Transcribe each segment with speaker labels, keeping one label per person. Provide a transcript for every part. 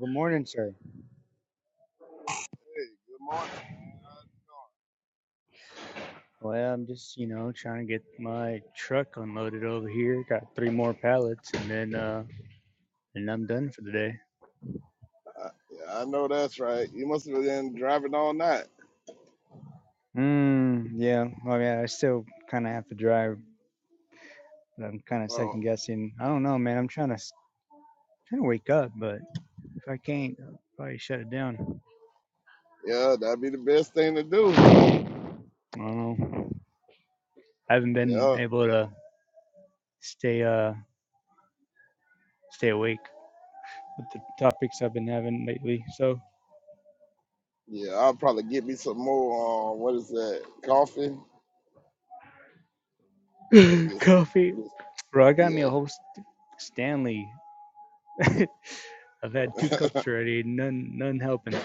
Speaker 1: Good morning, sir.
Speaker 2: Hey, good morning.
Speaker 1: Well, I'm just, you know, trying to get my truck unloaded over here. Got three more pallets, and then, uh, and I'm done for the day.
Speaker 2: Uh, yeah, I know that's right. You must have been driving all night.
Speaker 1: Mm, yeah. I mean, I still kind of have to drive. but I'm kind of
Speaker 2: Well,
Speaker 1: second guessing. I don't know, man. I'm trying to trying to wake up, but if I can't, I'll probably shut it down.
Speaker 2: yeah, that'd be the best thing to do.
Speaker 1: I don't know. I haven't been
Speaker 2: Yeah,
Speaker 1: able to stay uh stay awake with the topics I've been having lately. So
Speaker 2: yeah. I'll probably get me some more. Uh, what is that? Coffee. Yeah, get some.
Speaker 1: coffee,
Speaker 2: get
Speaker 1: bro. I got me a
Speaker 2: Yeah,
Speaker 1: whole st- Stanley I've had two cups already. None, none helping.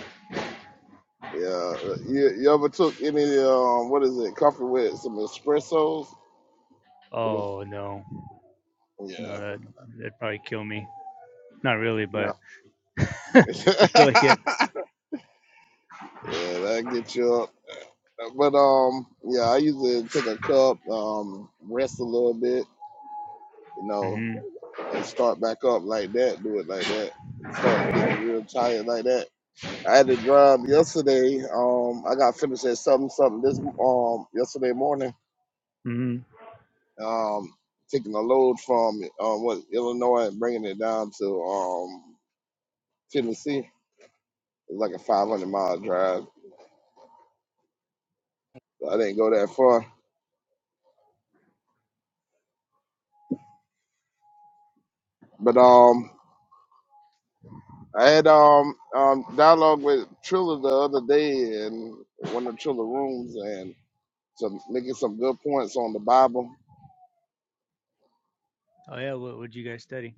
Speaker 2: yeah. You, you ever took any? Um, what is it? Coffee with some espressos?
Speaker 1: Oh no,
Speaker 2: Yeah.
Speaker 1: no, that that'd probably kill me. Not really,
Speaker 2: No.
Speaker 1: but
Speaker 2: yeah,
Speaker 1: I feel like it.
Speaker 2: that get you up. But um, yeah, I usually take a cup, um, rest a little bit, you know.
Speaker 1: hmm
Speaker 2: and start back up like that, do it like that. It started getting real tired like that. I had to drive yesterday. Um, I got finished at something something this um yesterday morning.
Speaker 1: hmm
Speaker 2: Um, taking a load from um what Illinois and bringing it down to um Tennessee. It was like a 500 mile drive. So I didn't go that far, but
Speaker 1: Yeah.
Speaker 2: um. I had um um dialogue with Triller the other day in one of Triller rooms and some making some good points on the Bible
Speaker 1: Oh yeah. What would you guys study?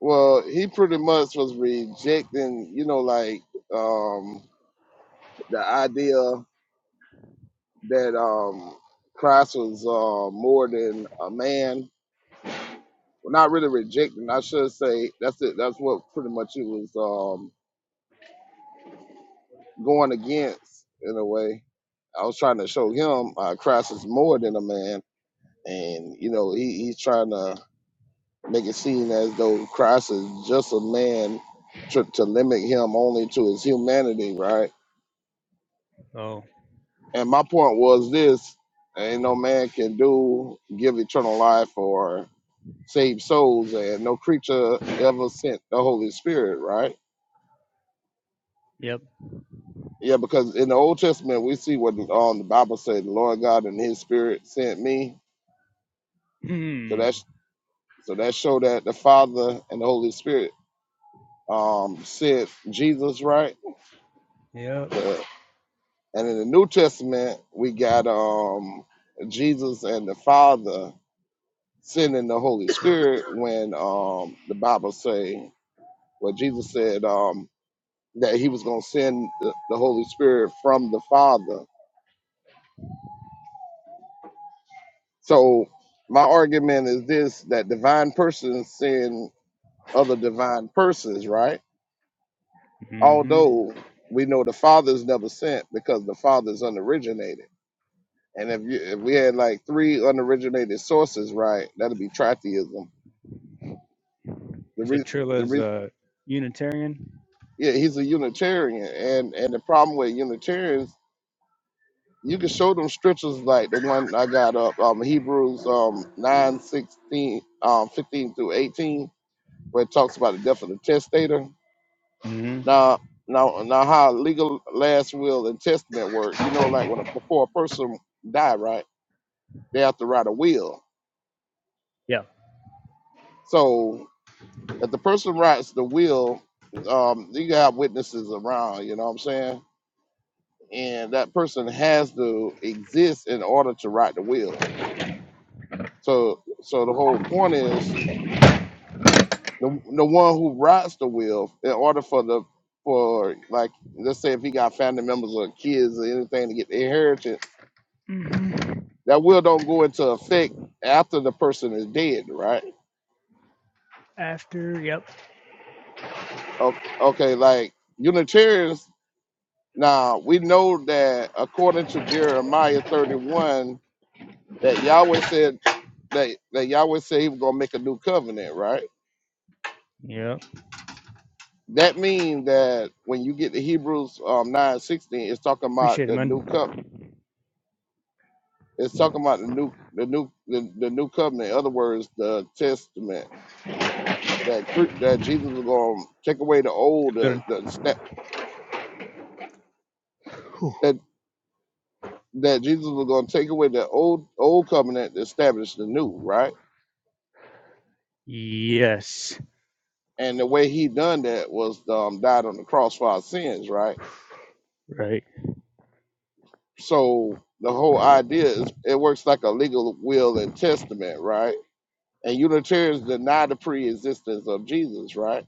Speaker 2: Well, he pretty much was rejecting, you know, like um, the idea that um, Christ was uh, more than a man. Well, not really rejecting. I should say that's it. That's what pretty much he was um, going against in a way. I was trying to show him uh, Christ is more than a man, and you know, he, he's trying to make it seem as though Christ is just a man to, to limit him only to his humanity, right?
Speaker 1: Oh,
Speaker 2: And my point was this: ain't no man can do give eternal life or save souls, and no creature ever sent the Holy Spirit, right?
Speaker 1: yep.
Speaker 2: Yeah, because in the Old Testament we see what um, the Bible said: the Lord God and His Spirit sent me. So
Speaker 1: Hmm.
Speaker 2: that's so that showed that the Father and the Holy Spirit um, sent Jesus, right?
Speaker 1: Yep.
Speaker 2: The, and in the New Testament we got um, Jesus and the Father sending the Holy Spirit when um the Bible say well Jesus said um that he was gonna send the, the Holy Spirit from the Father. So my argument is this that divine persons send other divine persons, right?
Speaker 1: hmm
Speaker 2: Although we know the Father's never sent because the Father's unoriginated. And if you if we had like three unoriginated sources, right, that'd be tritheism. The
Speaker 1: So
Speaker 2: re the
Speaker 1: Trilla's
Speaker 2: re
Speaker 1: a Unitarian.
Speaker 2: yeah, he's a Unitarian and and the problem with Unitarians you can show them scriptures like the one I got up, um, Hebrews um, 9 16 um, 15 through 18, where it talks about the death of the testator.
Speaker 1: hmm
Speaker 2: Now, now, now how legal last will and testament work, you know, like when a, before a person die, right, they have to write a will.
Speaker 1: Yeah.
Speaker 2: So if the person writes the will, um, you can have witnesses around, you know what I'm saying? And that person has to exist in order to write the will. So, so the whole point is the the one who rides the wheel in order for the for like let's say if he got family members or kids or anything to get the inheritance,
Speaker 1: hmm
Speaker 2: that will don't go into effect after the person is dead, right?
Speaker 1: After. Yep.
Speaker 2: O- Okay, like Unitarians now we know that according to Jeremiah thirty one that Yahweh said that, that Yahweh said he was gonna make a new covenant, right?
Speaker 1: Yep.
Speaker 2: That means that when you get to Hebrews um, nine sixteen, it's talking about
Speaker 1: Appreciate it,
Speaker 2: the
Speaker 1: man.
Speaker 2: new covenant It's talking about the new, the new, the, the new covenant. In other words, the testament that cre- that Jesus was going to take away the
Speaker 1: Have
Speaker 2: old,
Speaker 1: a good
Speaker 2: uh,
Speaker 1: one.
Speaker 2: the sta-
Speaker 1: Whew.
Speaker 2: that that Jesus was going to take away the old old covenant, to establish the new, right?
Speaker 1: Yes.
Speaker 2: And the way he done that was um, died on the cross for our sins, right?
Speaker 1: Right.
Speaker 2: So the whole idea is it works like a legal will and testament, right? And Unitarians deny the pre-existence of Jesus, right?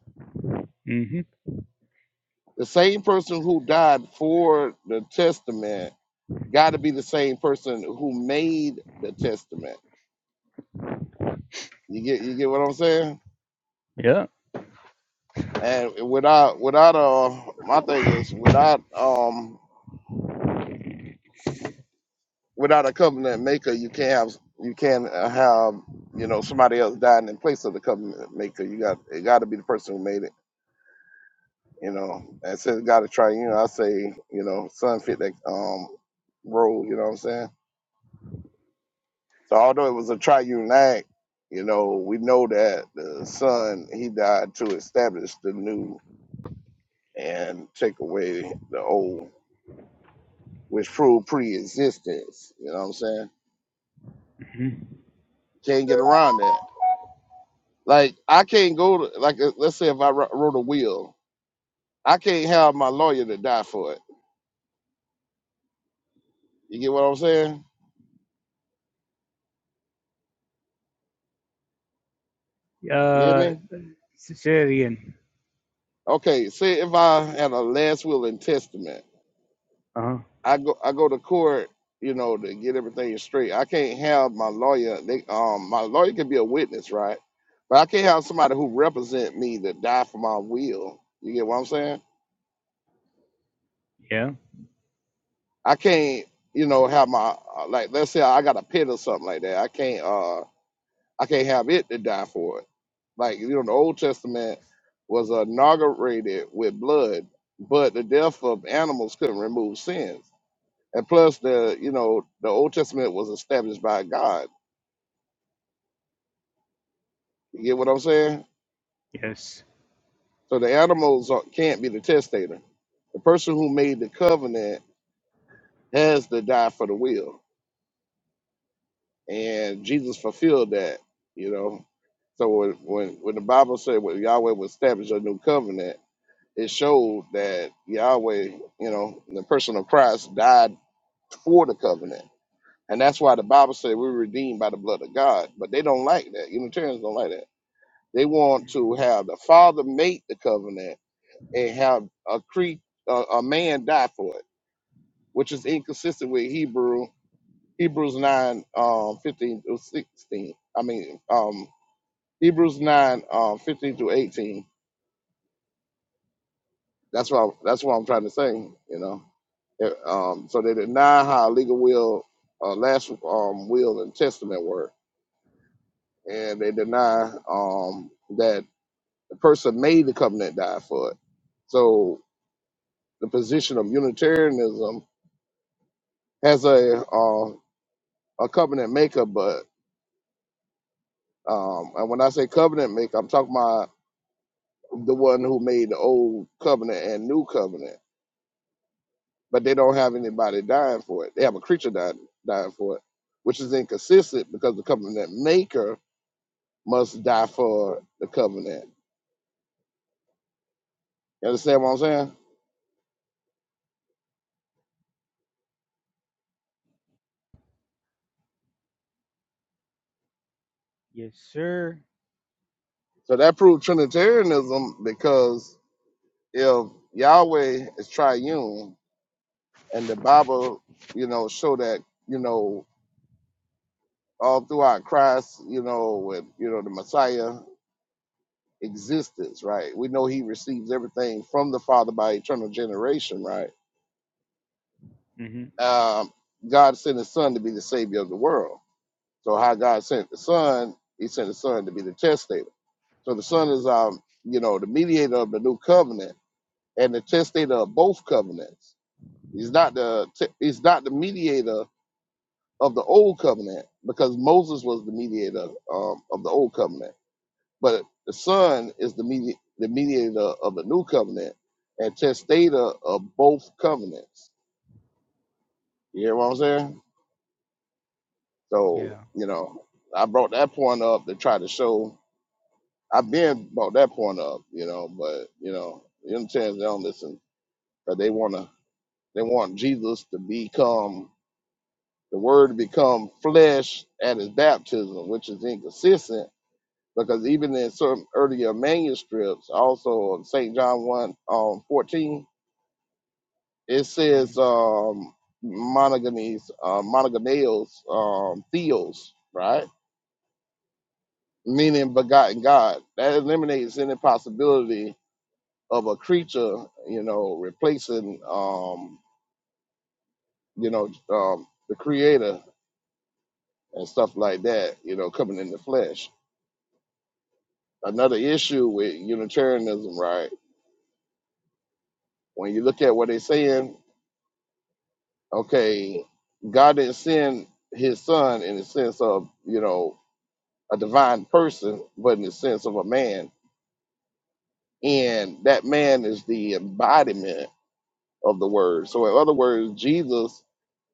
Speaker 1: hmm
Speaker 2: The same person who died for the testament got to be the same person who made the testament. You get you get what I'm saying?
Speaker 1: Yeah.
Speaker 2: And without without uh my
Speaker 1: Oh.
Speaker 2: thing is without um without a covenant maker, you can't have you can't uh, have you know somebody else dying in place of the covenant maker. You got it got to be the person who made it. You know, and since God is triune, I say you know son fit that um role. You know what I'm saying? So although it was a triune act, you know, we know that the Son he died to establish the new and take away the old, which proved pre-existence. You know what I'm saying?
Speaker 1: Mm-hmm.
Speaker 2: Can't get around that. Like I can't go to like uh, let's say if I wr- wrote a will, I can't have my lawyer to die for it. You get what I'm saying? You hear
Speaker 1: Uh,
Speaker 2: me?
Speaker 1: cesarean.
Speaker 2: Okay. Say if I had a last will and testament.
Speaker 1: Uh huh.
Speaker 2: I go I go to court, you know, to get everything straight. I can't have my lawyer. They um my lawyer can be a witness, right? But I can't have somebody who represent me to die for my will. You get what I'm saying?
Speaker 1: Yeah.
Speaker 2: I can't, you know, have my uh, like let's say I got a pit or something like that. I can't uh I can't have it to die for it. Like you know, the Old Testament was inaugurated with blood, but the death of animals couldn't remove sins. And plus, the you know, the Old Testament was established by God. You get what I'm saying?
Speaker 1: Yes.
Speaker 2: So the animals are, can't be the testator. The person who made the covenant has to die for the will, and Jesus fulfilled that. You know, so when when, when the Bible said when Yahweh would establish a new covenant, it showed that Yahweh, you know, the person of Christ died for the covenant, and that's why the Bible said we're redeemed by the blood of God. But they don't like that. Unitarians don't like that. They want to
Speaker 1: Mhm.
Speaker 2: have the Father make the covenant and have a cre a, a man die for it, which is inconsistent with Hebrew Hebrews nine um, fifteen through sixteen. I mean um, Hebrews nine um, fifteen through eighteen. That's what I, that's what I'm trying to say. You know, Yeah, um, so they deny how legal will uh, last um, will and testament were, and they deny um, that the person made the covenant die for it. So the position of Unitarianism has a uh, a covenant maker, but um, and when I say covenant maker, I'm talking about the one who made the old covenant and new covenant. But they don't have anybody dying for it. They have a creature dying, dying for it, which is inconsistent because the covenant maker must die for the covenant. You understand what I'm saying?
Speaker 1: Yes, sir.
Speaker 2: So that proved Trinitarianism because if Yahweh is triune and the Bible, you know, show that, you know, all throughout Christ, you know, with you know the Messiah. existence, right? We know he receives everything from the Father by eternal generation, right?
Speaker 1: Mm-hmm.
Speaker 2: Um, God sent his son to be the savior of the world. So how God sent the son, he sent the son to be the testator. So the son is um, you know, the mediator of the new covenant and the testator of both covenants. He's not the te- he's not the mediator of the old covenant because Moses was the mediator um, of the old covenant But the Son is the, medi- the mediator of the new covenant and testator of both covenants. You hear what I'm saying?
Speaker 1: Yeah.
Speaker 2: So, you know, I brought that point up to try to show, I've been brought that point up, you know, but, you know, the understand they don't listen but they want to, they want Jesus to become, the word to become flesh at his baptism, which is inconsistent because even in certain earlier manuscripts, also of St. John 1 um, 14, It
Speaker 1: hmm
Speaker 2: says um, monogamies, uh, monogameos, um, theos, right? Meaning begotten God. That eliminates any possibility of a creature, you know, replacing, um, you know, um, the creator and stuff like that, you know, coming in the flesh. Another issue with Unitarianism, right? When you look at what they're saying, okay, God didn't send his son in the sense of, you know, a divine person, but in the sense of a man. And that man is the embodiment of the word. So, in other words, Jesus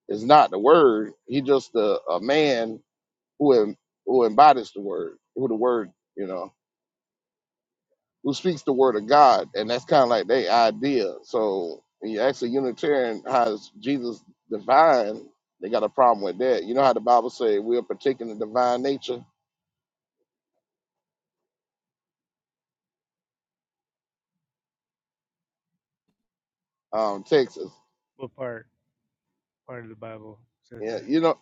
Speaker 2: is not the word, he just a, a man who, em- who embodies the word, who the word, you know, who speaks the word of God. And that's kind of like their idea. So, when you ask a Unitarian, how is Jesus divine? They got a problem with that. You know how the Bible say we are partaking the divine nature? Um, Texas.
Speaker 1: What part part of the Bible says
Speaker 2: Yeah,
Speaker 1: that?
Speaker 2: you know.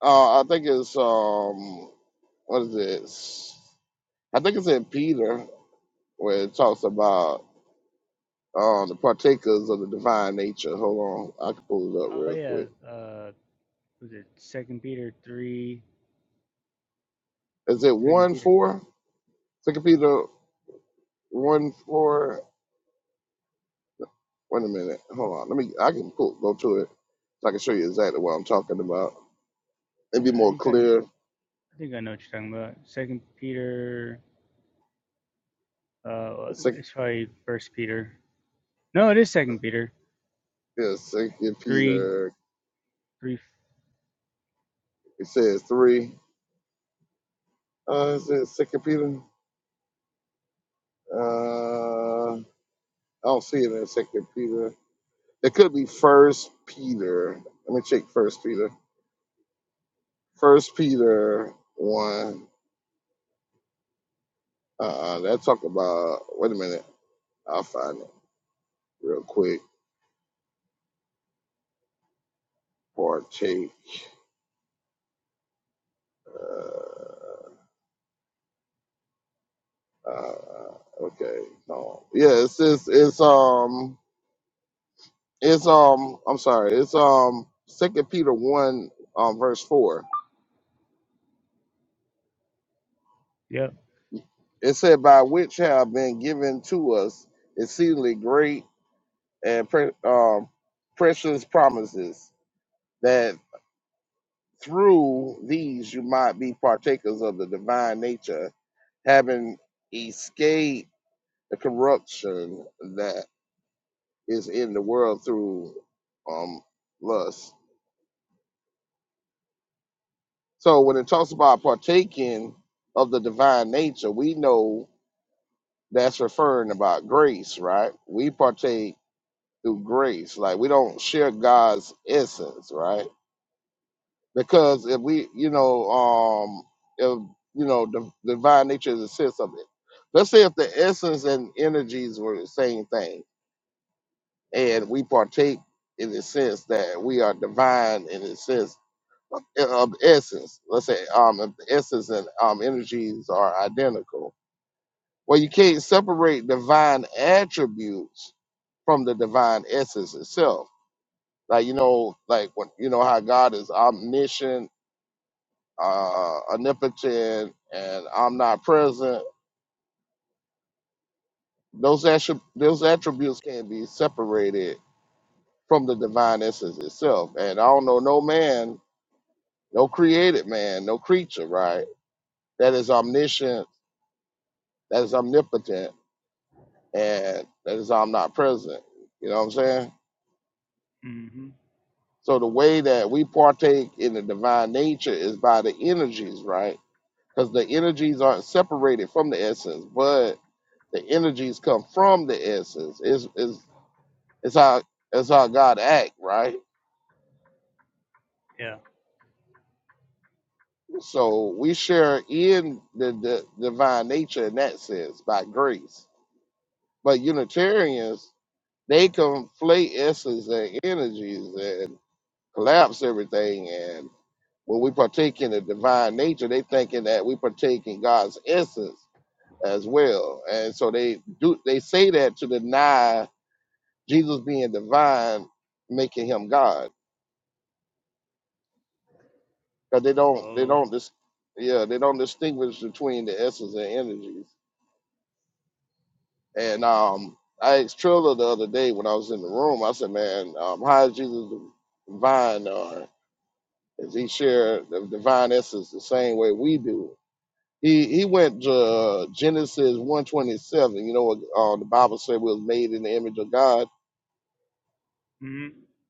Speaker 2: Uh, I think it's um, what is this? I think it's in Peter where it talks about um the partakers of the divine nature. Hold on, I can pull it up
Speaker 1: Oh
Speaker 2: real
Speaker 1: yeah.
Speaker 2: quick.
Speaker 1: Uh, was it Second Peter three?
Speaker 2: Is it
Speaker 1: Second
Speaker 2: one
Speaker 1: Peter.
Speaker 2: four? Second Peter one four. Wait a minute. Hold on. Let me. I can pull go to it. So I can show you exactly what I'm talking about. It'd be
Speaker 1: Yeah, I
Speaker 2: more
Speaker 1: think I, kn-
Speaker 2: clear.
Speaker 1: I think I know what you're talking about. Second Peter. Uh,
Speaker 2: Second,
Speaker 1: it's probably First Peter. No, it is Second Peter
Speaker 2: yeah, Second
Speaker 1: three
Speaker 2: Peter.
Speaker 1: three.
Speaker 2: It says three. Uh, is it Second Peter? Uh, I don't see it in Second Peter. It could be First Peter. Let me check First Peter. First Peter one. Uh, that talk about. Wait a minute. I'll find it real quick. Partake. Uh, uh, okay. No. Yeah. It's it's it's um it's um I'm sorry. It's um Second Peter one um verse four.
Speaker 1: Yep.
Speaker 2: It said, "By which have been given to us exceedingly great." and pre- um, precious promises that through these you might be partakers of the divine nature, having escaped the corruption that is in the world through um, lust. So when it talks about partaking of the divine nature, we know that's referring about grace, right? We partake through grace, like we don't share God's essence, right? because if we, you know, um, if you know, the the divine nature is a sense of it. Let's say if the essence and energies were the same thing, and we partake in the sense that we are divine in the sense of, of essence. Let's say um, if the essence and um, energies are identical, well, you can't separate divine attributes from the divine essence itself. Like you know, like when you know how God is omniscient uh, omnipotent, and I'm not present. Those attri- those attributes can be separated from the divine essence itself. And I don't know no man, no created man, no creature, right? That is omniscient, that is omnipotent, and that is omnipresent. You know what I'm saying?
Speaker 1: Mm-hmm.
Speaker 2: So the way that we partake in the divine nature is by the energies, right? Because the energies aren't separated from the essence, but the energies come from the essence. Is is It's how it's how God act, right?
Speaker 1: Yeah.
Speaker 2: So we share in the, the divine nature in that sense by grace. But Unitarians, they conflate essence and energies and collapse everything. And when we partake in the divine nature, they thinking that we partake in God's essence as well. And so they do they say that to deny Jesus being divine, making him God because they don't they
Speaker 1: Oh.
Speaker 2: don't dis- yeah they don't distinguish between the essence and energies. And um, I asked Trilla the other day when I was in the room. I said, "Man, um, how is Jesus divine? Or does he share the divine essence the same way we do?" He he went to uh, Genesis one twenty seven. You know, uh, the Bible said we was made in the image of God.
Speaker 1: Mm-hmm.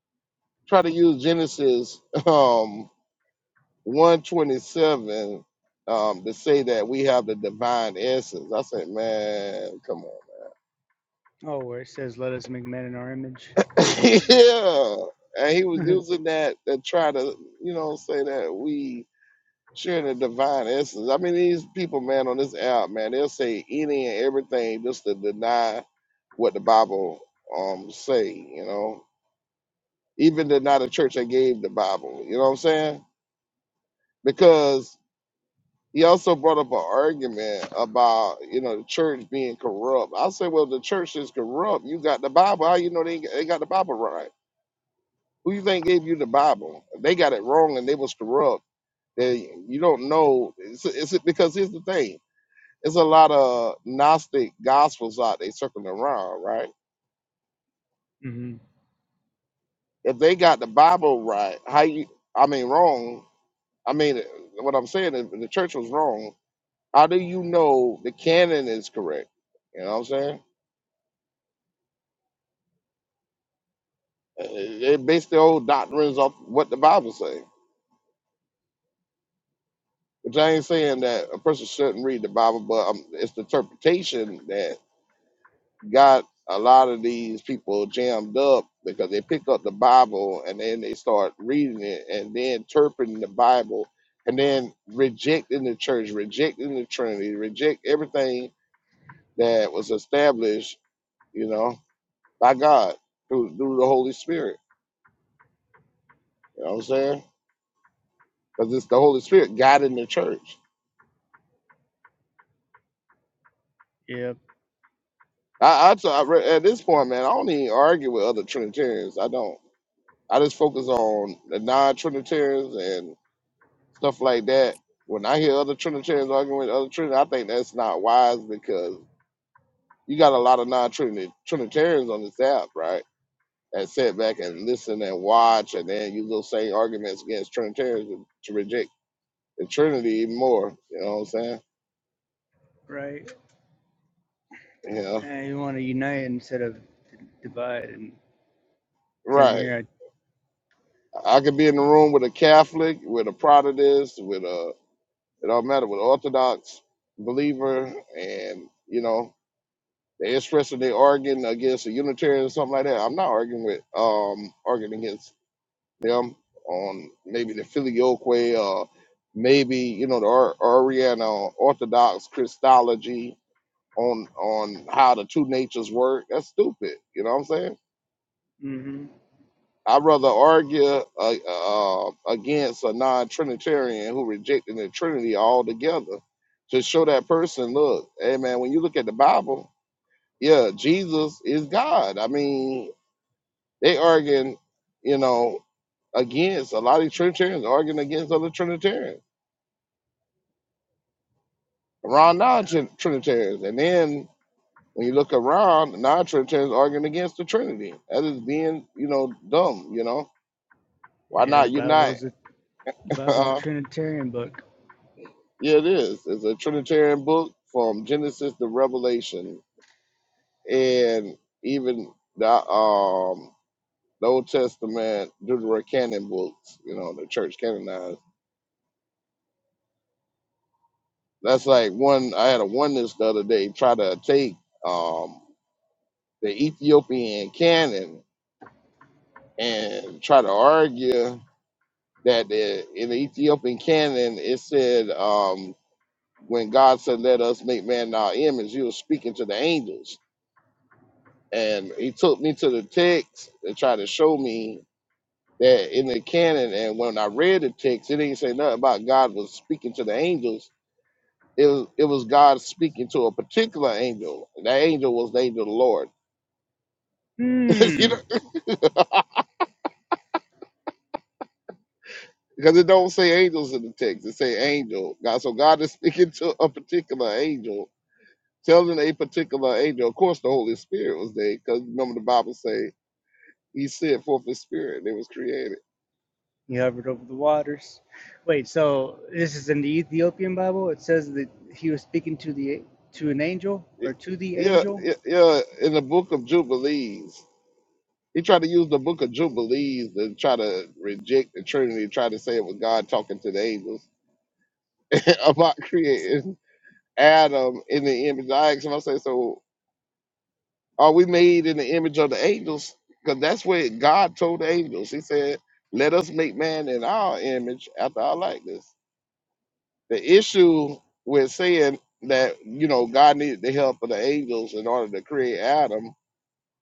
Speaker 2: Try to use Genesis. Um, 127 um, to say that we have the divine essence. I said, man, come
Speaker 1: Oh, where it says, "Let us make man in our image."
Speaker 2: on. yeah. And he was using that to try to, you know, say that we share the divine essence. I mean, these people, man, on this app, man, they'll say any and everything just to deny what the Bible um say, you know. Even deny the church that gave the Bible. You know what I'm saying? Because He also brought up an argument about, you know, the church being corrupt. I said, well, the church is corrupt. You got the Bible. How you know they, they got the Bible right? Who you think gave you the Bible? If They got it wrong and they was corrupt. Then you don't know. It's, it's because here's the thing. it's a lot of Gnostic gospels out there circling around, right?
Speaker 1: hmm
Speaker 2: If they got the Bible right, how you, I mean, wrong. I mean, what I'm saying is if the church was wrong. How do you know the canon is correct? You know what I'm saying? They base their old doctrines off what the Bible say. Which I ain't saying that a person shouldn't read the Bible, but um, it's the interpretation that got a lot of these people jammed up because they pick up the Bible and then they start reading it and then interpreting the Bible and then rejecting the church, rejecting the Trinity, reject everything that was established, you know, by God through through the Holy Spirit. You know what I'm saying? Because it's the Holy Spirit guiding the church.
Speaker 1: Yep.
Speaker 2: I, I, t- I re- at this point, man, I don't even argue with other Trinitarians. I don't. I just focus on the non-Trinitarians and stuff like that. When I hear other Trinitarians arguing with other Trinitarians, I think that's not wise because you got a lot of non-Trinitarians on this app, right? That sit back and listen and watch, and then use those same arguments against Trinitarians to to reject the Trinity even more. You know what I'm saying?
Speaker 1: Right.
Speaker 2: Yeah,
Speaker 1: And you want to unite instead of divide. And same
Speaker 2: right.
Speaker 1: here.
Speaker 2: I could be in the room with a Catholic, with a Protestant, with a It don't matter with Orthodox believer and you know they are expressing they arguing against a Unitarian or something like that. I'm not arguing with um arguing against them on maybe the filioque or maybe you know the Or- Oriental Orthodox Christology on on how the two natures work. That's stupid. You know what I'm saying?
Speaker 1: I, hmm
Speaker 2: I'd rather argue uh, uh, against a non-Trinitarian who rejected the Trinity altogether to show that person, look, hey man, when you look at the Bible, yeah, Jesus is God. I mean, they arguing, you know, against a lot of Trinitarians arguing against other Trinitarians around non-Trinitarians, and then when you look around, non-Trinitarians arguing against the Trinity. That is being, you know, dumb. You know, why
Speaker 1: Yeah, the
Speaker 2: not
Speaker 1: Bible
Speaker 2: unite?
Speaker 1: is a Bible's a Trinitarian book.
Speaker 2: Yeah, it is. It's a Trinitarian book from Genesis to Revelation, and even the um the Old Testament Deuterocanon books. You know, the church canonized. That's like one. I had a oneness the other day try to take um the Ethiopian canon and try to argue that the, in the Ethiopian canon it said um when God said, "Let us make man in our image," He was speaking to the angels and he took me to the text and tried to show me that in the canon. And when I read the text, it didn't say nothing about God was speaking to the angels. It was, it was God speaking to a particular angel. And that angel was the angel of the Lord. you know,
Speaker 1: Hmm.
Speaker 2: because it don't say angels in the text. It say angel. God, so God is speaking to a particular angel, telling a particular angel. Of course, the Holy Spirit was there because remember the Bible say He sent forth His Spirit. and It was created.
Speaker 1: He hovered over the waters. Wait, so this is in the Ethiopian Bible. It says that he was speaking to the to an angel
Speaker 2: Y-
Speaker 1: or to the
Speaker 2: Yeah,
Speaker 1: angel.
Speaker 2: yeah, yeah. In the book of Jubilees, he tried to use the book of
Speaker 1: Oh.
Speaker 2: Jubilees to try to reject the Trinity, try to say it was God talking to the angels about creating Adam in the image. I asked him, I said, so are we made in the image of the angels? Because that's what God told the angels. He said, let us make man in our image after our likeness. The issue with saying that, you know, God needed the help of the angels in order to create Adam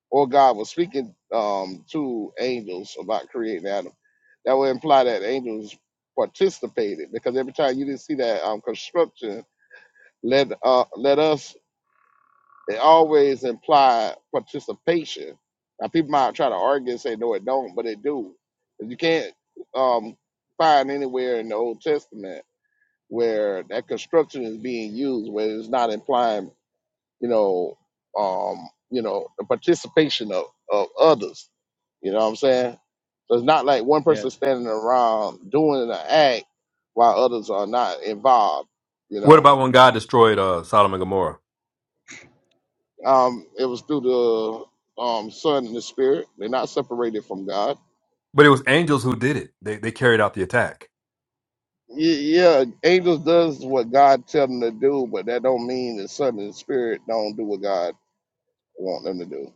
Speaker 2: or God was speaking um, to angels about creating Adam. That would imply that angels participated because every time you didn't see that um, construction, let uh, let us it always imply participation. Now people might try to argue and say no, it don't, but it do. 'Cause You can't um, find anywhere in the Old Testament where that construction is being used where it's not implying, you know, um, you know, the participation of, of others you know what I'm saying? So it's not like one
Speaker 1: Yeah.
Speaker 2: person standing around doing an act while others are not involved. You
Speaker 3: What
Speaker 2: know,
Speaker 3: about when God destroyed uh, Sodom and Gomorrah?
Speaker 2: um, it was through the um, Son and the Spirit. They're not separated from God.
Speaker 3: But it was angels who did it. They they carried out the attack.
Speaker 2: Ye- Yeah, angels
Speaker 1: Um.
Speaker 2: does what God tell them to do, but that don't mean the Son and the Spirit don't do what God want them to do.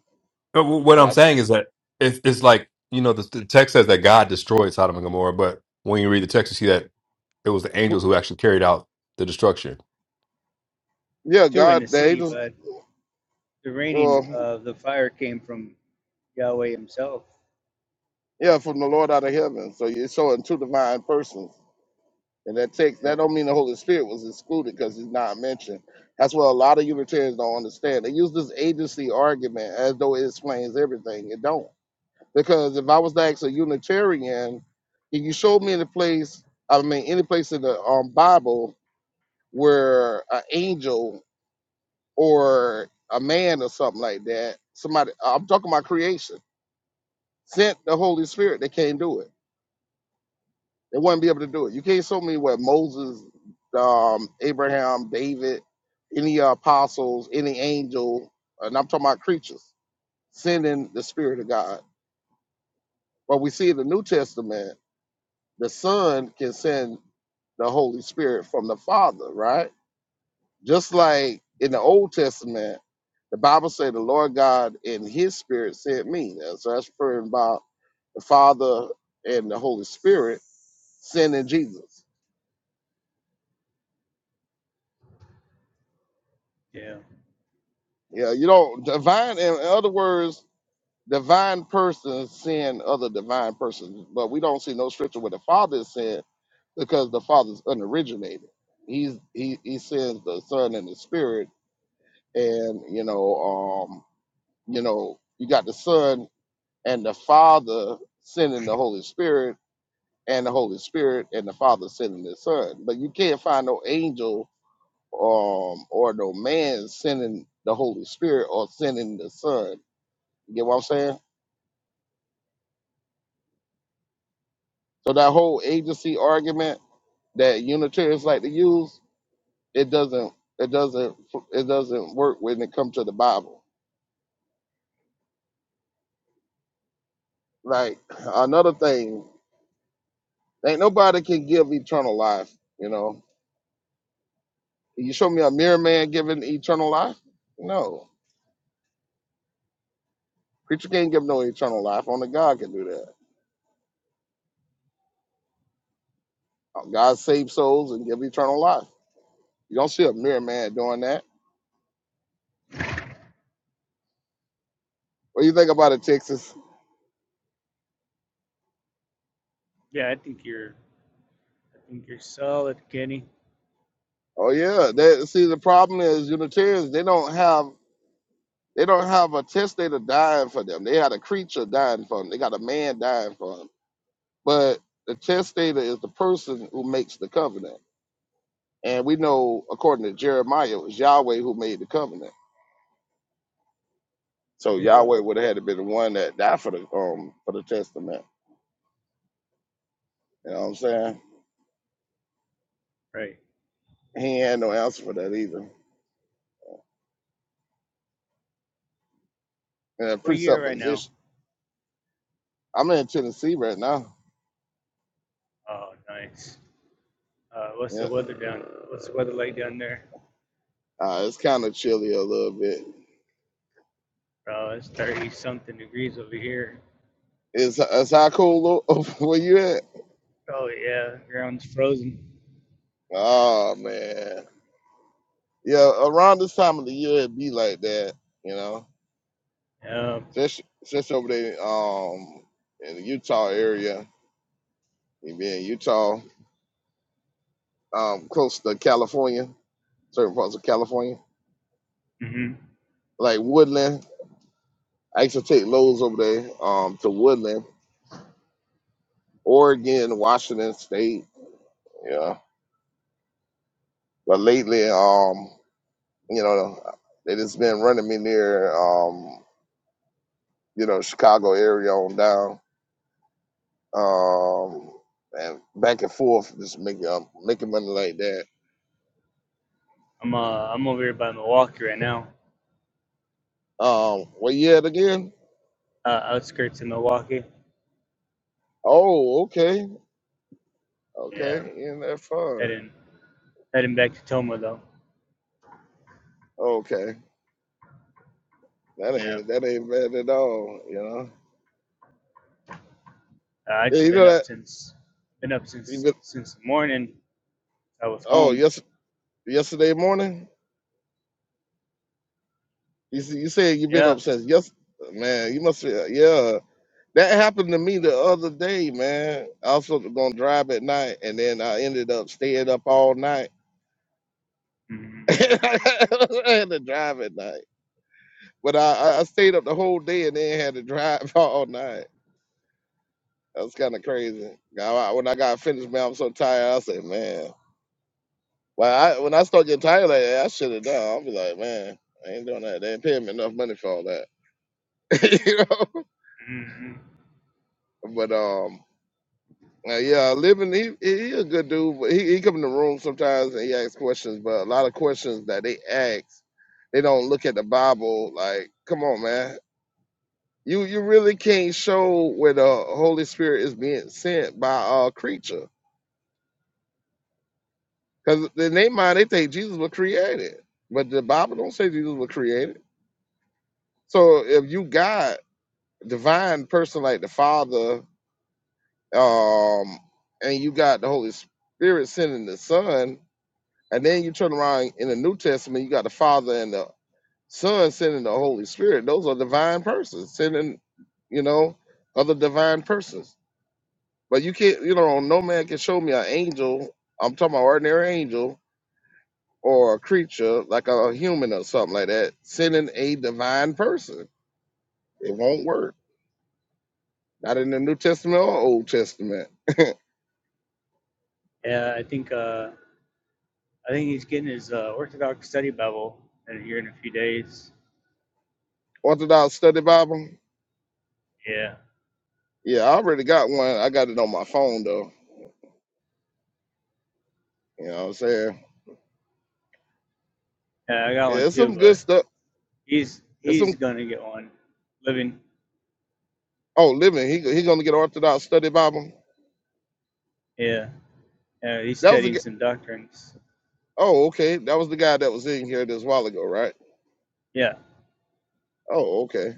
Speaker 3: But wh- what
Speaker 2: And
Speaker 3: I'm
Speaker 2: that's
Speaker 3: saying is that it's, it's like you know the, the text says that God destroyed Sodom and Gomorrah, but when you read the text, you see that it was the angels who actually carried out the destruction.
Speaker 2: yeah,
Speaker 1: Two in the
Speaker 2: God, the
Speaker 1: city,
Speaker 2: angels,
Speaker 1: but the raining
Speaker 2: well,
Speaker 1: of the fire came from Yahweh Himself.
Speaker 2: yeah, from the Lord out of heaven. So you're showing two divine persons And that takes
Speaker 1: Yeah.
Speaker 2: that don't mean the Holy Spirit was excluded because he's not mentioned. That's what a lot of Unitarians don't understand. They use this agency argument as though it explains everything. It don't. Because if I was to ask a Unitarian, if you show me any place, I mean any place in the um, Bible where an angel or a man or something like that, somebody I'm talking about creation, sent the Holy Spirit, they can't do it They wouldn't be able to do it. You can't show me where Moses, um, Abraham, David, any apostles, any angel, and I'm talking about creatures, sending the Spirit of God. But we see in the New Testament, the Son can send the Holy Spirit from the Father, right? Just like in the Old Testament, the Bible said the Lord God in his spirit sent me. So that's referring about the Father and the Holy Spirit sending Jesus.
Speaker 1: Yeah.
Speaker 2: Yeah, you don't divine. In other words, divine persons sin other divine persons, but we don't see no scripture where the Father is sin because the Father's unoriginated. He's he he sends the Son and the Spirit, and you know, um, you know, you got the Son and the Father sending the Holy Spirit, and the Holy Spirit and the Father sending the Son. But you can't find no angel um or no man sending the Holy Spirit or sending the Son you get what I'm saying? So that whole agency argument that Unitarians like to use, it doesn't it doesn't it doesn't work when it comes to the Bible. Like another thing, ain't nobody can give eternal life. You know, you show me a mere man giving eternal life? No, preacher can't give no eternal life. Only God can do that. God saves souls and give eternal life. You don't see a mere man doing that. What do you think about it, Texas?
Speaker 1: Yeah, I think you're I think you're solid, Kenny.
Speaker 2: Oh yeah, that see the problem is Unitarians. They don't have They don't have a testator dying for them. They had a creature dying for them. They got a man dying for them. But the testator is the person who makes the covenant. And we know, according to Jeremiah, it was Yahweh who made the covenant. So
Speaker 1: Yeah.
Speaker 2: Yahweh would have had to be the one that died for the um for the testament. You know what I'm saying?
Speaker 1: Right.
Speaker 2: He ain't had no answer for that either. And a
Speaker 1: Where you at right now?
Speaker 2: presupposition. I'm in Tennessee right now.
Speaker 1: Oh nice. Uh what's
Speaker 2: Yeah,
Speaker 1: the weather down what's the weather like down there?
Speaker 2: uh, it's kind of chilly a little bit.
Speaker 1: Oh, it's thirty something degrees over here.
Speaker 2: Is is how cool where you at?
Speaker 1: Oh yeah, ground's frozen.
Speaker 2: Oh man. yeah, around this time of the year it be like that, you know.
Speaker 1: Yeah.
Speaker 2: Since since over there um in the Utah area, you be in Utah, um, close to California, certain parts of California,
Speaker 1: hmm
Speaker 2: like Woodland. I used to take loads over there um to Woodland, Oregon, Washington State, yeah. But lately, um, you know, they just been running me near um, you know, Chicago area on down. um, and back and forth, just making um, making money like that.
Speaker 1: I'm uh I'm over here by Milwaukee right now.
Speaker 2: Um, what year it again?
Speaker 1: Uh outskirts of Milwaukee.
Speaker 2: Oh, okay, okay,
Speaker 1: Yeah.
Speaker 2: in that far.
Speaker 1: Heading heading back to Toma though.
Speaker 2: Okay, that
Speaker 1: Yeah.
Speaker 2: ain't that ain't bad at all. You know,
Speaker 1: Uh, I
Speaker 2: yeah,
Speaker 1: just
Speaker 2: you know
Speaker 1: been up
Speaker 2: that.
Speaker 1: since been up
Speaker 2: You
Speaker 1: since
Speaker 2: been,
Speaker 1: since the morning. I was
Speaker 2: oh,
Speaker 1: home.
Speaker 2: yes, yesterday morning. You see, you said you've been
Speaker 1: Yeah.
Speaker 2: up since yes, man. You must be yeah. That happened to me the other day, man. I was supposed to gonna drive at night, and then I ended up staying up all night.
Speaker 1: hmm
Speaker 2: I had to drive at night But I, I I stayed up the whole day and then had to drive all night. That was kind of crazy. I, I- when I got finished, man, I'm so tired. I said, man, well, I, when I start getting tired like that, I should have done. I'll be like, man, I ain't doing that. They ain't paying me enough money for all that, you know.
Speaker 1: hmm
Speaker 2: But um, uh, yeah, living he he he a good dude, but he, he come in the room sometimes and he asks questions, but a lot of questions that they ask, they don't look at the Bible. Like, come on, man, You you really can't show where the Holy Spirit is being sent by a creature, because in their mind they think Jesus was created, but the Bible don't say Jesus was created. So if you got divine person like the Father, um, and you got the Holy Spirit sending the Son, and then you turn around in the New Testament, you got the Father and the Son sending the Holy Spirit. Those are divine persons sending, you know, other divine persons. But you can't, you know, no man can show me an angel. I'm talking about ordinary angel or a creature like a human or something like that sending a divine person. It won't work. Not in the New Testament or Old Testament.
Speaker 1: Yeah, I think uh, I think he's getting his uh, Orthodox study Bible in here in a few days.
Speaker 2: Orthodox Study Bible.
Speaker 1: Yeah.
Speaker 2: Yeah, I already got one. I got it on my phone though. You know what I'm saying?
Speaker 1: Yeah, I got
Speaker 2: Yeah,
Speaker 1: one
Speaker 2: it's
Speaker 1: too,
Speaker 2: some good
Speaker 1: but
Speaker 2: stuff.
Speaker 1: he's
Speaker 2: It's
Speaker 1: he's
Speaker 2: some.
Speaker 1: gonna get one. Living.
Speaker 2: Oh, living. He he gonna get Orthodox Study Bible.
Speaker 1: Yeah. Yeah, he's
Speaker 2: That was the.
Speaker 1: studying
Speaker 2: g-
Speaker 1: some doctrines.
Speaker 2: Oh, okay. That was the guy that was in here this while ago, right?
Speaker 1: Yeah.
Speaker 2: Oh, okay.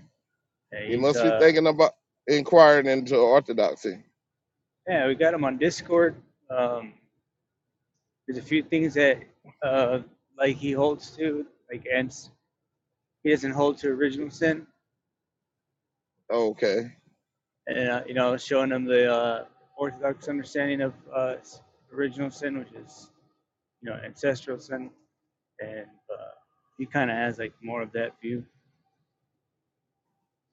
Speaker 1: Yeah,
Speaker 2: You
Speaker 1: he's
Speaker 2: must be
Speaker 1: uh
Speaker 2: thinking about inquiring into orthodoxy.
Speaker 1: yeah, we got him on Discord. Um, there's a few things that uh like he holds to, like and he doesn't hold to original sin.
Speaker 2: Okay,
Speaker 1: and uh, you know showing them the uh, orthodox understanding of uh, original sin, which is you know ancestral sin, and uh, he kind of has like more of that view.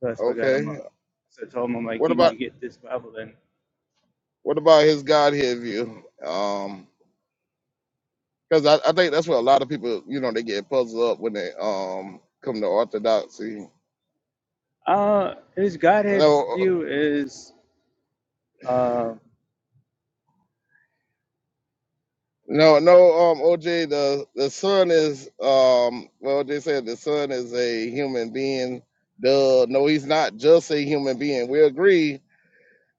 Speaker 1: So that's what got him. Uh,
Speaker 2: okay.
Speaker 1: so I told him I'm like,
Speaker 2: What
Speaker 1: you need
Speaker 2: about
Speaker 1: to get this Bible. Then
Speaker 2: what about his Godhead view? Um, because I, I think that's where a lot of people, you know, they get puzzled up when they um come to orthodoxy.
Speaker 1: uh, his Godhead
Speaker 2: No,
Speaker 1: view is. uh,
Speaker 2: no, no. Um, OJ, the the son is um. Well, they said the son is a human being. Duh. No, he's not just a human being. We agree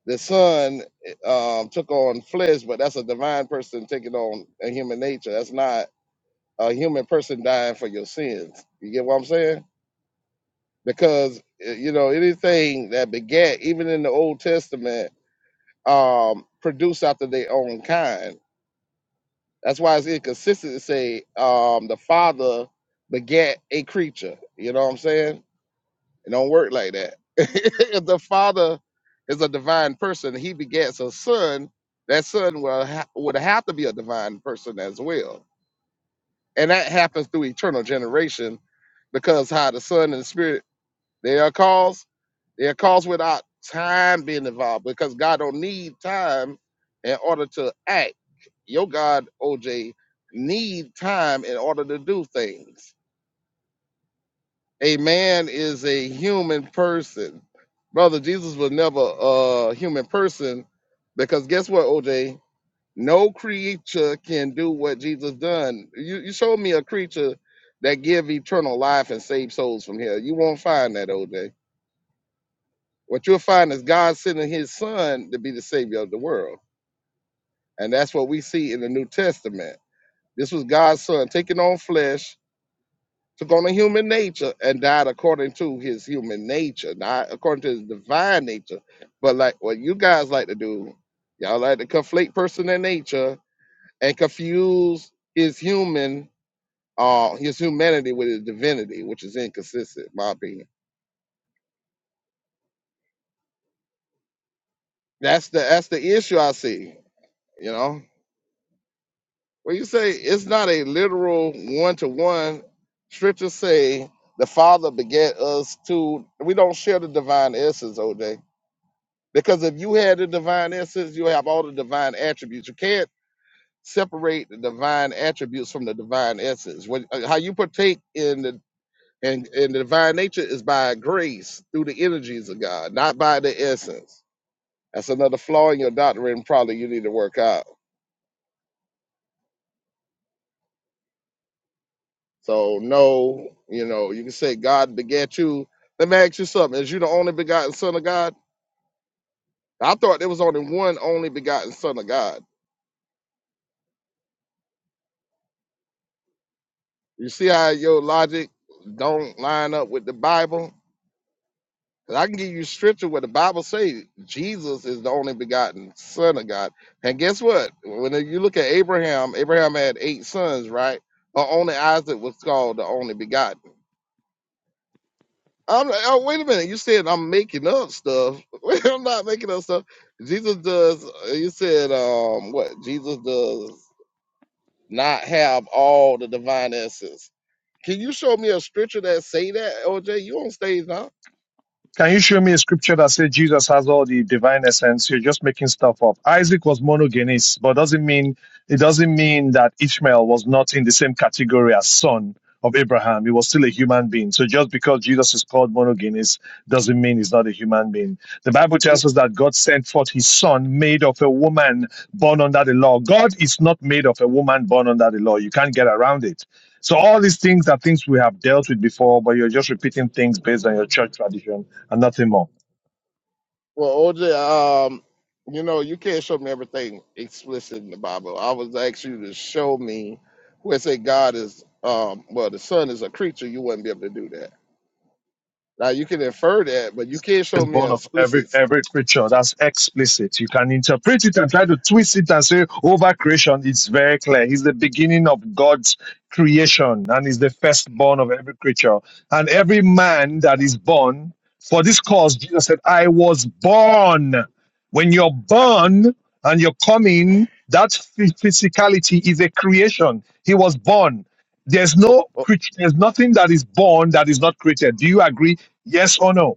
Speaker 2: The Son um, took on flesh, but that's a divine person taking on a human nature. That's not a human person dying for your sins. You get what I'm saying? Because eh, you know anything that begat, even in the Old Testament, um, produced after their own kind. That's why it's inconsistent to say um, the Father begat a creature. You know what I'm saying? It don't work like that. if the father is a divine person, he begets a son. That son will ha- would have to be a divine person as well, and that happens through eternal generation, because how the son and the spirit they are caused. They are caused without time being involved, because God don't need time in order to act. Your God, OJ, need time in order to do things a man is a human person. Brother, Jesus was never a human person because guess what, OJ? No creature can do what Jesus done. You you showed me a creature that give eternal life and save souls from hell. You won't find that, OJ. What you'll find is God sending his son to be the savior of the world. And that's what we see in the New Testament. This was God's son taking on flesh took on a human nature and died according to his human nature, not according to his divine nature. But like what you guys like to do, y'all like to conflate person and nature and confuse his human uh his humanity with his divinity, which is inconsistent, in my opinion. That's the that's the issue I see, you know. When you say it's not a literal one to one, scriptures say the Father beget us to we don't share the divine essence, OJ Because if you had the divine essence, you have all the divine attributes. You can't separate the divine attributes from the divine essence. When, uh, how you partake in the in, in the divine nature is by grace through the energies of God, not by the essence. That's another flaw in your doctrine, probably you need to work out. So no, you know, you can say God begat you. Let me ask you something. Is you the only begotten son of God? I thought there was only one only begotten son of God. You see how your logic don't line up with the Bible? 'Cause I can give you scripture where the Bible says Jesus is the only begotten Son of God. And guess what? When you look at Abraham, Abraham had eight sons, right? But only Isaac was called the only begotten. I'm like, oh, wait a minute. You said I'm making up stuff. I'm not making up stuff. Jesus does, uh, you said, um, what? Jesus does not have all the divine essence. Can you show me a scripture that say that, OJ? You on stage now?
Speaker 4: Can you show me a scripture that says Jesus has all the divine essence? You're just making stuff up. Isaac was monogenes, but doesn't mean it doesn't mean that Ishmael was not in the same category as son of Abraham. He was still a human being. So just because Jesus is called monogenes doesn't mean he's not a human being. The Bible
Speaker 2: You-
Speaker 4: tells us that God sent forth his son made of a woman born under the law. God is not made of a woman born under the law. You can't get around it. So all these things are things we have dealt with before, but you're just repeating things based on your church tradition and that's him all.
Speaker 2: Well, OJ, um, you know you can't show me everything explicit in the Bible. I was asking you to show me where it say God is, um, well, the Son is a creature. You wouldn't be able to do that. Now you can infer that, but you can't show
Speaker 4: is
Speaker 2: me
Speaker 4: born
Speaker 2: an
Speaker 4: of every
Speaker 2: explicit.
Speaker 4: every creature. That's explicit. You can interpret it and try to twist it and say over creation. It's very clear. He's the beginning of God's creation and is the firstborn of every creature. And every man that is born for this cause, Jesus said, "I was born." When you're
Speaker 2: I-
Speaker 4: born and you're coming, that phy- physicality is a creation. He was born. There's
Speaker 2: oh,
Speaker 4: no
Speaker 2: oh,
Speaker 4: creature. There's nothing that is born that is not created. Do you agree? Yes or no?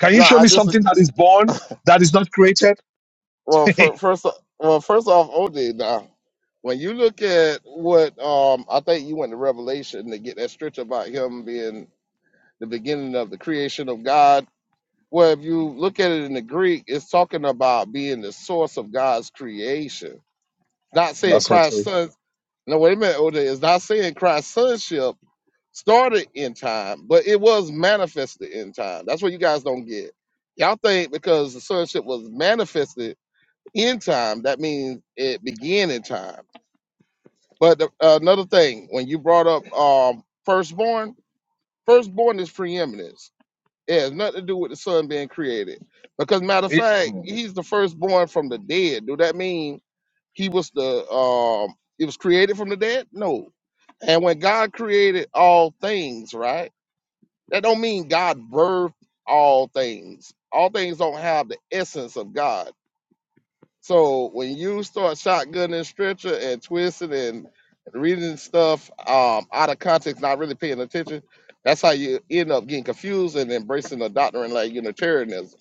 Speaker 4: Can you
Speaker 2: No,
Speaker 4: show
Speaker 2: I
Speaker 4: me
Speaker 2: disagree.
Speaker 4: something that is born, that is not created?
Speaker 2: Well, fir-
Speaker 4: That's
Speaker 2: first, well, first off, OJ, now when you look at what um, I think you went to Revelation to get that stretch about him being the beginning of the creation of God. Well, if you look at it in the Greek, it's talking about being the source of God's creation. Not saying
Speaker 4: not
Speaker 2: Christ's
Speaker 4: true.
Speaker 2: son. No, wait a minute, OJ. It's not saying Christ's sonship started in time, but it was manifested in time. That's what you guys don't get. Y'all think because the sonship was manifested end time that means it began in time but the, another thing when you brought up um firstborn firstborn is preeminence it has nothing to do with the son being created because matter of
Speaker 4: It-
Speaker 2: fact
Speaker 4: Mm.
Speaker 2: he's the firstborn from the dead do that mean he was the um he was created from the dead no and when god created all things right that don't mean god birthed all things all things don't have the essence of god So when you start shotgunning stretcher and twisting and reading stuff um, out of context, not really paying attention, that's how you end up getting confused and embracing a doctrine like Unitarianism,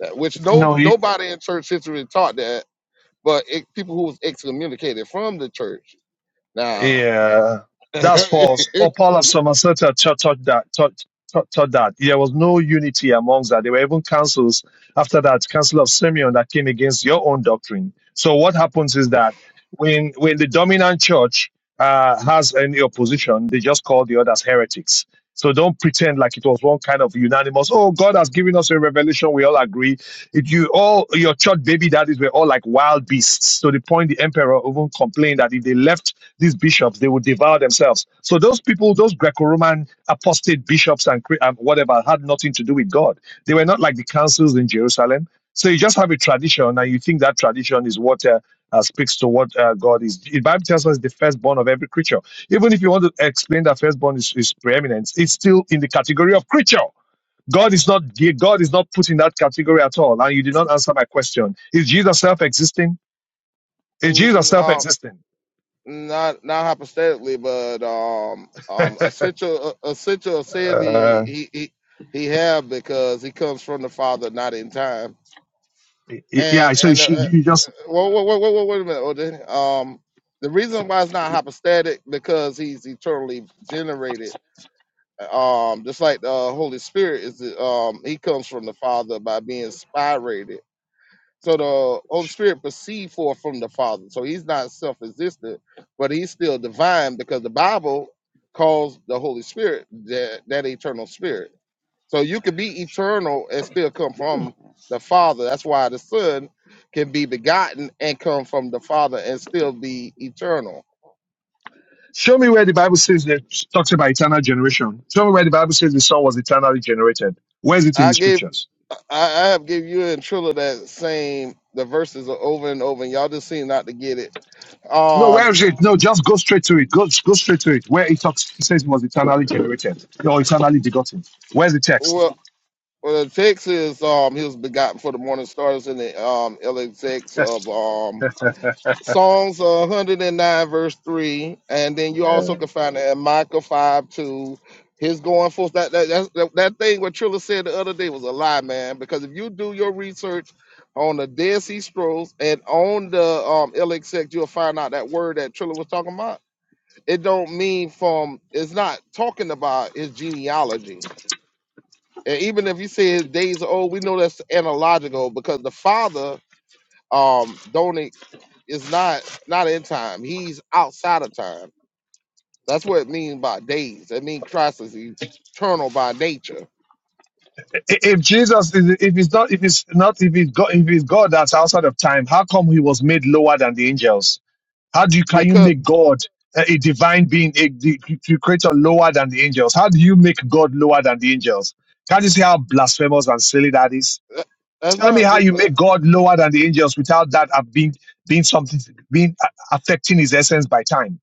Speaker 2: that- which no
Speaker 4: no, you,
Speaker 2: nobody in church history taught that, but it, people who was excommunicated from the church. Now,
Speaker 4: Yeah, that's false. Or Paul of Somerset had taught, taught that. Taught, taught, taught that there was no unity amongst that. There were even councils after that, Council of Simeon, that came against your own doctrine. So what happens is that when when the dominant church uh, has any opposition, they just call the others heretics. So don't pretend like it was one kind of unanimous. Oh, God has given us a revelation. We all agree. If you all your church baby daddies were all like wild beasts, to the point the emperor even complained that if they left these bishops, they would devour themselves. So those people, those Greco-Roman apostate bishops and, and whatever, had nothing to do with God. They were not like the councils in Jerusalem. So you just have a tradition, and you think that tradition is what uh, uh, speaks to what uh, God is. The Bible tells us the firstborn of every creature. Even if you want to explain that firstborn is, is preeminent, it's still in the category of creature. God is not God is not put in that category at all. And you did not answer my question. Is Jesus self-existing? Is Jesus
Speaker 2: mm, uh,
Speaker 4: self-existing?
Speaker 2: not not hypothetically, but um um essential uh, essential said
Speaker 4: uh,
Speaker 2: he he he he have because he comes from the Father, not in time.
Speaker 4: Yeah,
Speaker 2: And
Speaker 4: so
Speaker 2: and uh,
Speaker 4: she, you just
Speaker 2: wait, wait, wait, wait, wait a minute, OJ. Um, the reason why it's not hypostatic because he's eternally generated. Um, just like the Holy Spirit is, um, he comes from the Father by being spirated. So the Holy Spirit proceed forth from the Father. So he's not self-existent, but he's still divine because the Bible calls the Holy Spirit that, that eternal spirit. So you could be eternal and still come from the Father. That's why the Son can be begotten and come from the Father and still be eternal.
Speaker 4: show me where the Bible says that talks about eternal generation. Show me where the Bible says the Son was eternally generated. Where is it in the
Speaker 2: I gave
Speaker 4: scriptures?
Speaker 2: I, I have given you and Trilla that same the verses are over and over and y'all just seem not to get it.
Speaker 4: No, where
Speaker 2: Um
Speaker 4: is it? No, just go straight to it. Go, go straight to it. Where it talks, it says he was eternally generated or eternally begotten. Where's the
Speaker 2: well.
Speaker 4: text?
Speaker 2: Well, the text is um, he was begotten for the morning stars in the um, LXX of um, Psalms uh, 109, verse 3. And then you also can find it in Micah 5 2. His going forth, that, that, that's- that, that thing what Trilla said the other day was a lie, man. Because if you do your research on the Dead Sea Scrolls and on the um, LXX, you'll find out that word that Trilla was talking about. It don't mean from, it's not talking about his genealogy and even if you say his days are old, we know that's analogical because the father um don't e- is not not in time. He's outside of time. That's what it means by days. It means Christ is eternal by nature.
Speaker 4: I- If Jesus, is, if it's not, if it's not, if it's God, if it's God that's outside of time, how come he was made lower than the angels? How do you can you
Speaker 2: Because
Speaker 4: make God uh, a divine being, a, the the creator lower than the angels? How do you make God lower than the angels? Can't you see how blasphemous and silly that is?
Speaker 2: uh, that's
Speaker 4: Tell me
Speaker 2: not
Speaker 4: how
Speaker 2: uh,
Speaker 4: you make God lower than the angels without that uh, being being something being uh, affecting his essence by time.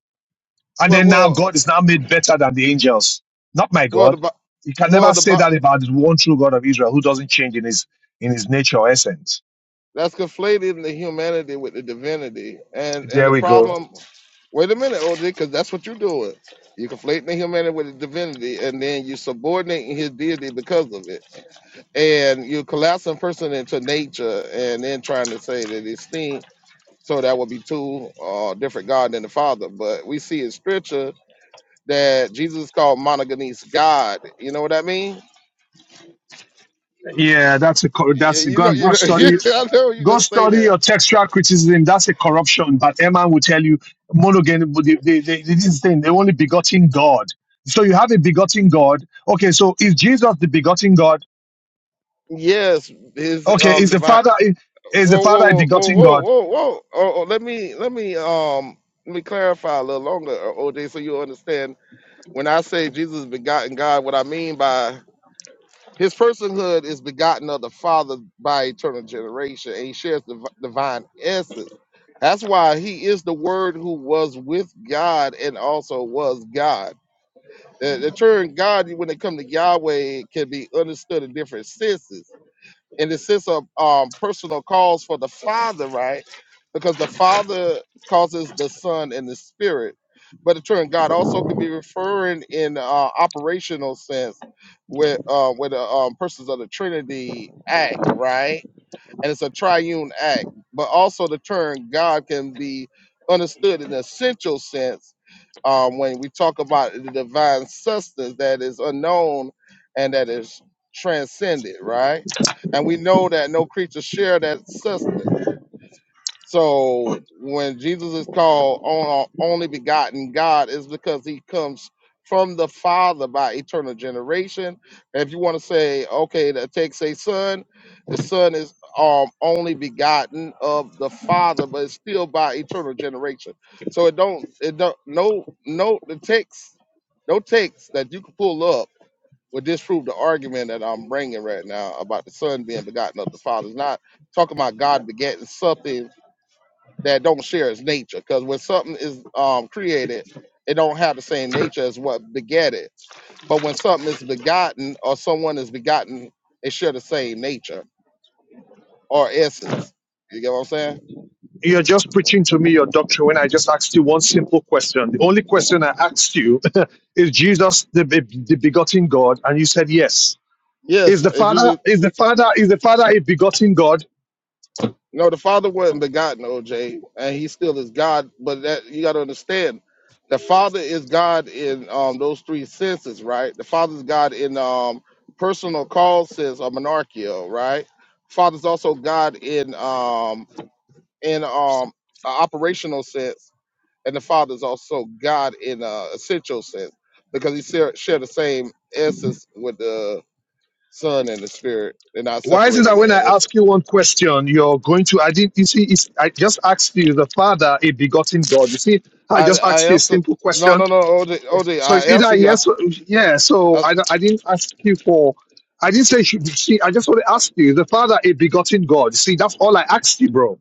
Speaker 4: And
Speaker 2: well
Speaker 4: then now
Speaker 2: well
Speaker 4: God is now made better than the angels. Not my
Speaker 2: well the
Speaker 4: God.
Speaker 2: Bi-
Speaker 4: You can
Speaker 2: well
Speaker 4: never
Speaker 2: the
Speaker 4: say
Speaker 2: Bi-
Speaker 4: that about the one true God of Israel who doesn't change in his in his nature or essence.
Speaker 2: that's conflating the humanity with the divinity. And and
Speaker 4: There
Speaker 2: the
Speaker 4: we go.
Speaker 2: problem wait a minute, OJ, because that's what you're doing. You're conflating the humanity with the divinity, and then you're subordinating his deity because of it and you collapsing person into nature and then trying to say that it's thing so that would be two uh, different god than the father but we see in scripture that jesus called monogenes god you know what i mean
Speaker 4: Yeah, that's a co-
Speaker 2: Yeah,
Speaker 4: that's
Speaker 2: you
Speaker 4: go
Speaker 2: know
Speaker 4: and go
Speaker 2: you
Speaker 4: and
Speaker 2: know
Speaker 4: study
Speaker 2: i know you're
Speaker 4: Go
Speaker 2: gonna say
Speaker 4: study
Speaker 2: that
Speaker 4: your textual criticism. That's a corruption. But Emma will tell you monogamy. They, they, they, this thing they only begotten God. So you have a begotten God. Okay, so is Jesus the begotten God?
Speaker 2: yes his
Speaker 4: Okay,
Speaker 2: um
Speaker 4: is the
Speaker 2: divine
Speaker 4: Father is the
Speaker 2: whoa whoa
Speaker 4: Father a
Speaker 2: whoa whoa
Speaker 4: begotten
Speaker 2: whoa
Speaker 4: God?
Speaker 2: whoa whoa oh, oh, let me let me um let me clarify a little longer uh, oj so you understand when i say jesus begotten god what i mean by His personhood is begotten of the Father by eternal generation, and he shares the v- divine essence. That's why he is the Word who was with God and also was God. The, the term God, when it comes to Yahweh, can be understood in different senses in the sense of um, personal calls for the Father, right? Because the Father causes the Son and the Spirit. But in turn, God also can be referring in uh, operational sense with uh, where the um, persons of the Trinity act, right? and it's a triune act. But also the term God can be understood in an essential sense um, when we talk about the divine substance that is unknown and that is transcended, right? And we know that no creature share that substance. So when Jesus is called on only begotten God, is because he comes from the Father by eternal generation. If you want to say, okay, that takes a son, the son is um only begotten of the Father, but it's still by eternal generation. So it don't it don't no no the text no text that you can pull up would disprove the argument that I'm bringing right now about the son being begotten of the Father. It's not talking about God begetting something that don't share its nature. Because when something is um, created, it don't have the same nature as what begat it. But when something is begotten or someone is begotten, they share the same nature or essence. You get what I'm saying?
Speaker 4: You're just preaching to me your doctrine when I just asked you one simple question. The only question I asked you is Jesus the, the begotten God, and you said yes. Is
Speaker 2: Yes,
Speaker 4: the
Speaker 2: it's
Speaker 4: Father
Speaker 2: usually
Speaker 4: is the Father is the Father a begotten God?
Speaker 2: no. The Father wasn't begotten, OJ, and He still is God. But that you got to understand, the Father is God in um, those three senses, right? The Father is God in um, personal call sense or monarchio, right? Father's also God in um in um a operational sense, and the Father is also God in a essential sense because He share, share the same essence with the Son and the Spirit. They're not
Speaker 4: Why is it
Speaker 2: separated
Speaker 4: that
Speaker 2: in
Speaker 4: when I
Speaker 2: essence.
Speaker 4: ask you one question, you're going to? I didn't. You see, it's, I just asked you the Father, a begotten God. You see, I
Speaker 2: I
Speaker 4: just
Speaker 2: I
Speaker 4: asked you a
Speaker 2: answer
Speaker 4: simple
Speaker 2: no
Speaker 4: question.
Speaker 2: no no OD, OD
Speaker 4: So
Speaker 2: I
Speaker 4: it's either
Speaker 2: answer you. I
Speaker 4: yes,
Speaker 2: s-
Speaker 4: or, yeah. So
Speaker 2: I-
Speaker 4: I, don't- I didn't ask you for. I didn't say. Should, see, I just want to ask you the Father, a begotten God. See, that's all I asked you, bro.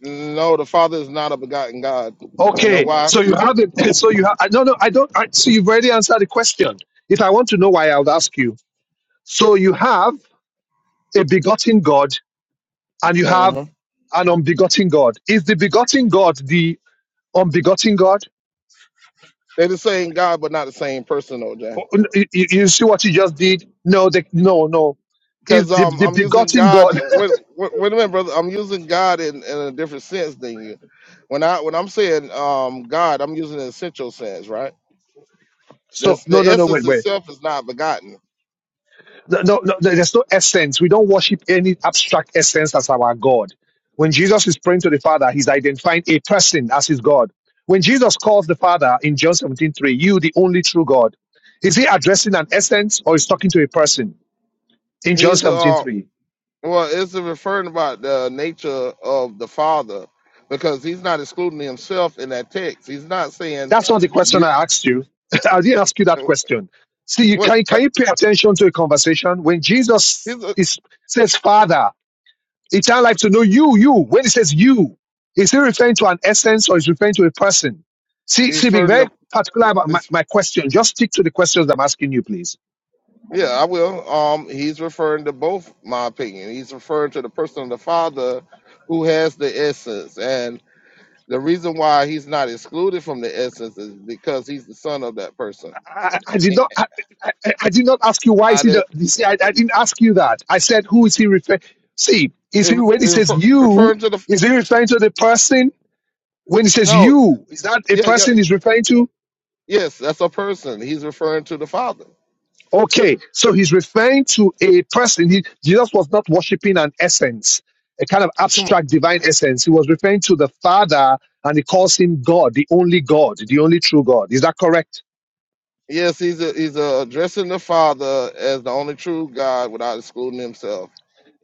Speaker 2: no, the Father is not a begotten God. You know
Speaker 4: Okay.
Speaker 2: why?
Speaker 4: So you have it. So you have. I- No, no. I don't. I, so you've already answered the question. If I want to know why, I would ask you. So you have a begotten God and you have
Speaker 2: Uh-huh.
Speaker 4: an unbegotten God. Is the begotten God the unbegotten God?
Speaker 2: They're the same God, but not the same person, OJ.
Speaker 4: Oh, n- You you- see what you just did? No, the, no, no. Is
Speaker 2: because
Speaker 4: the,
Speaker 2: um,
Speaker 4: the
Speaker 2: I'm using
Speaker 4: begotten
Speaker 2: God.
Speaker 4: God?
Speaker 2: Wait, wait, wait a minute, brother. I'm using God in, in a different sense than you. When I when I'm saying um, God, I'm using an essential sense, right?
Speaker 4: So
Speaker 2: That's
Speaker 4: no,
Speaker 2: the
Speaker 4: no, no. Wait,
Speaker 2: essence
Speaker 4: wait.
Speaker 2: itself is not begotten.
Speaker 4: No, no, no, no, there's no essence. We don't worship any abstract essence as our God. When Jesus is praying to the Father, he's identifying a person as his God. When Jesus calls the Father in John 17:3, you, the only true God, is he addressing an essence or is talking to a person in John
Speaker 2: He's
Speaker 4: 17:3?
Speaker 2: uh well, it's referring about the nature of the Father because he's not excluding himself in that text. He's not saying
Speaker 4: That's not the question
Speaker 2: you
Speaker 4: I asked you. I didn't ask you that question. See, you
Speaker 2: what
Speaker 4: can,
Speaker 2: uh,
Speaker 4: can you pay attention to a conversation when Jesus
Speaker 2: he's uh,
Speaker 4: is, says, Father, it's our life to know you, you. When he says you, is he referring to an essence or is he referring to a person? See, see,
Speaker 2: he's
Speaker 4: being
Speaker 2: referring
Speaker 4: very particular about
Speaker 2: to.
Speaker 4: my, my question. Just stick to the questions I'm asking you, please.
Speaker 2: Yeah, I will. Um, he's referring to both my opinion. He's referring to the person of the Father who has the essence. And the reason why he's not excluded from the essence is because he's the son of that person.
Speaker 4: I, I did
Speaker 2: Eh,
Speaker 4: not, I, I, I I did not ask you why is
Speaker 2: I
Speaker 4: he the,
Speaker 2: just,
Speaker 4: you see, I, I didn't ask you that. I said, who is he referring? See, is
Speaker 2: if,
Speaker 4: he, when he
Speaker 2: if,
Speaker 4: says you,
Speaker 2: referring to the
Speaker 4: is he referring to the person when he says
Speaker 2: no,
Speaker 4: you, is that a
Speaker 2: yeah, yeah,
Speaker 4: person he's referring to?
Speaker 2: yes, that's a person. He's referring to the Father.
Speaker 4: Okay, so he's referring to a person. He, Jesus was not worshiping an essence, a kind of
Speaker 2: Come on.
Speaker 4: abstract divine essence. He was referring to the Father and he calls him God, the only God, the only true God. Is that correct?
Speaker 2: Yes, he's a, he's a addressing the Father as the only true God without excluding himself.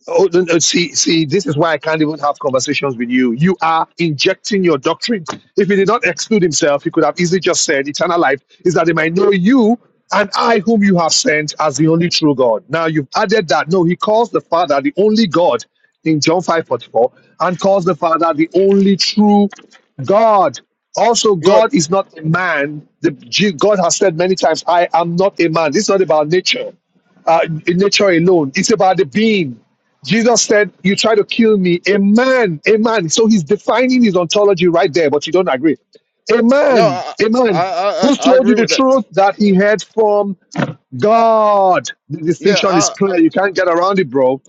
Speaker 4: Oh, no, no, see, see, this is why I can't even have conversations with you. You are injecting your doctrine. If he did not exclude himself, he could have easily just said, Eternal life is that they might know you and I, whom you have sent, as the only true God. Now you've added that. No, he calls the Father the only God in John five forty four, and calls the Father the only true God. Also,
Speaker 2: You're
Speaker 4: God is not a man. The, G- God has said many times, I am not a man. This is not about nature uh, in nature alone. It's about the being. Jesus said, You try to kill me, a man, a man. So he's defining his ontology right there, but you don't agree. A
Speaker 2: no,
Speaker 4: man,
Speaker 2: I
Speaker 4: a
Speaker 2: I
Speaker 4: man
Speaker 2: I, I
Speaker 4: who's
Speaker 2: I
Speaker 4: told you
Speaker 2: agree
Speaker 4: the
Speaker 2: with that.
Speaker 4: truth that he heard from God. The distinction
Speaker 2: Yeah,
Speaker 4: is clear. You can't get around it, bro.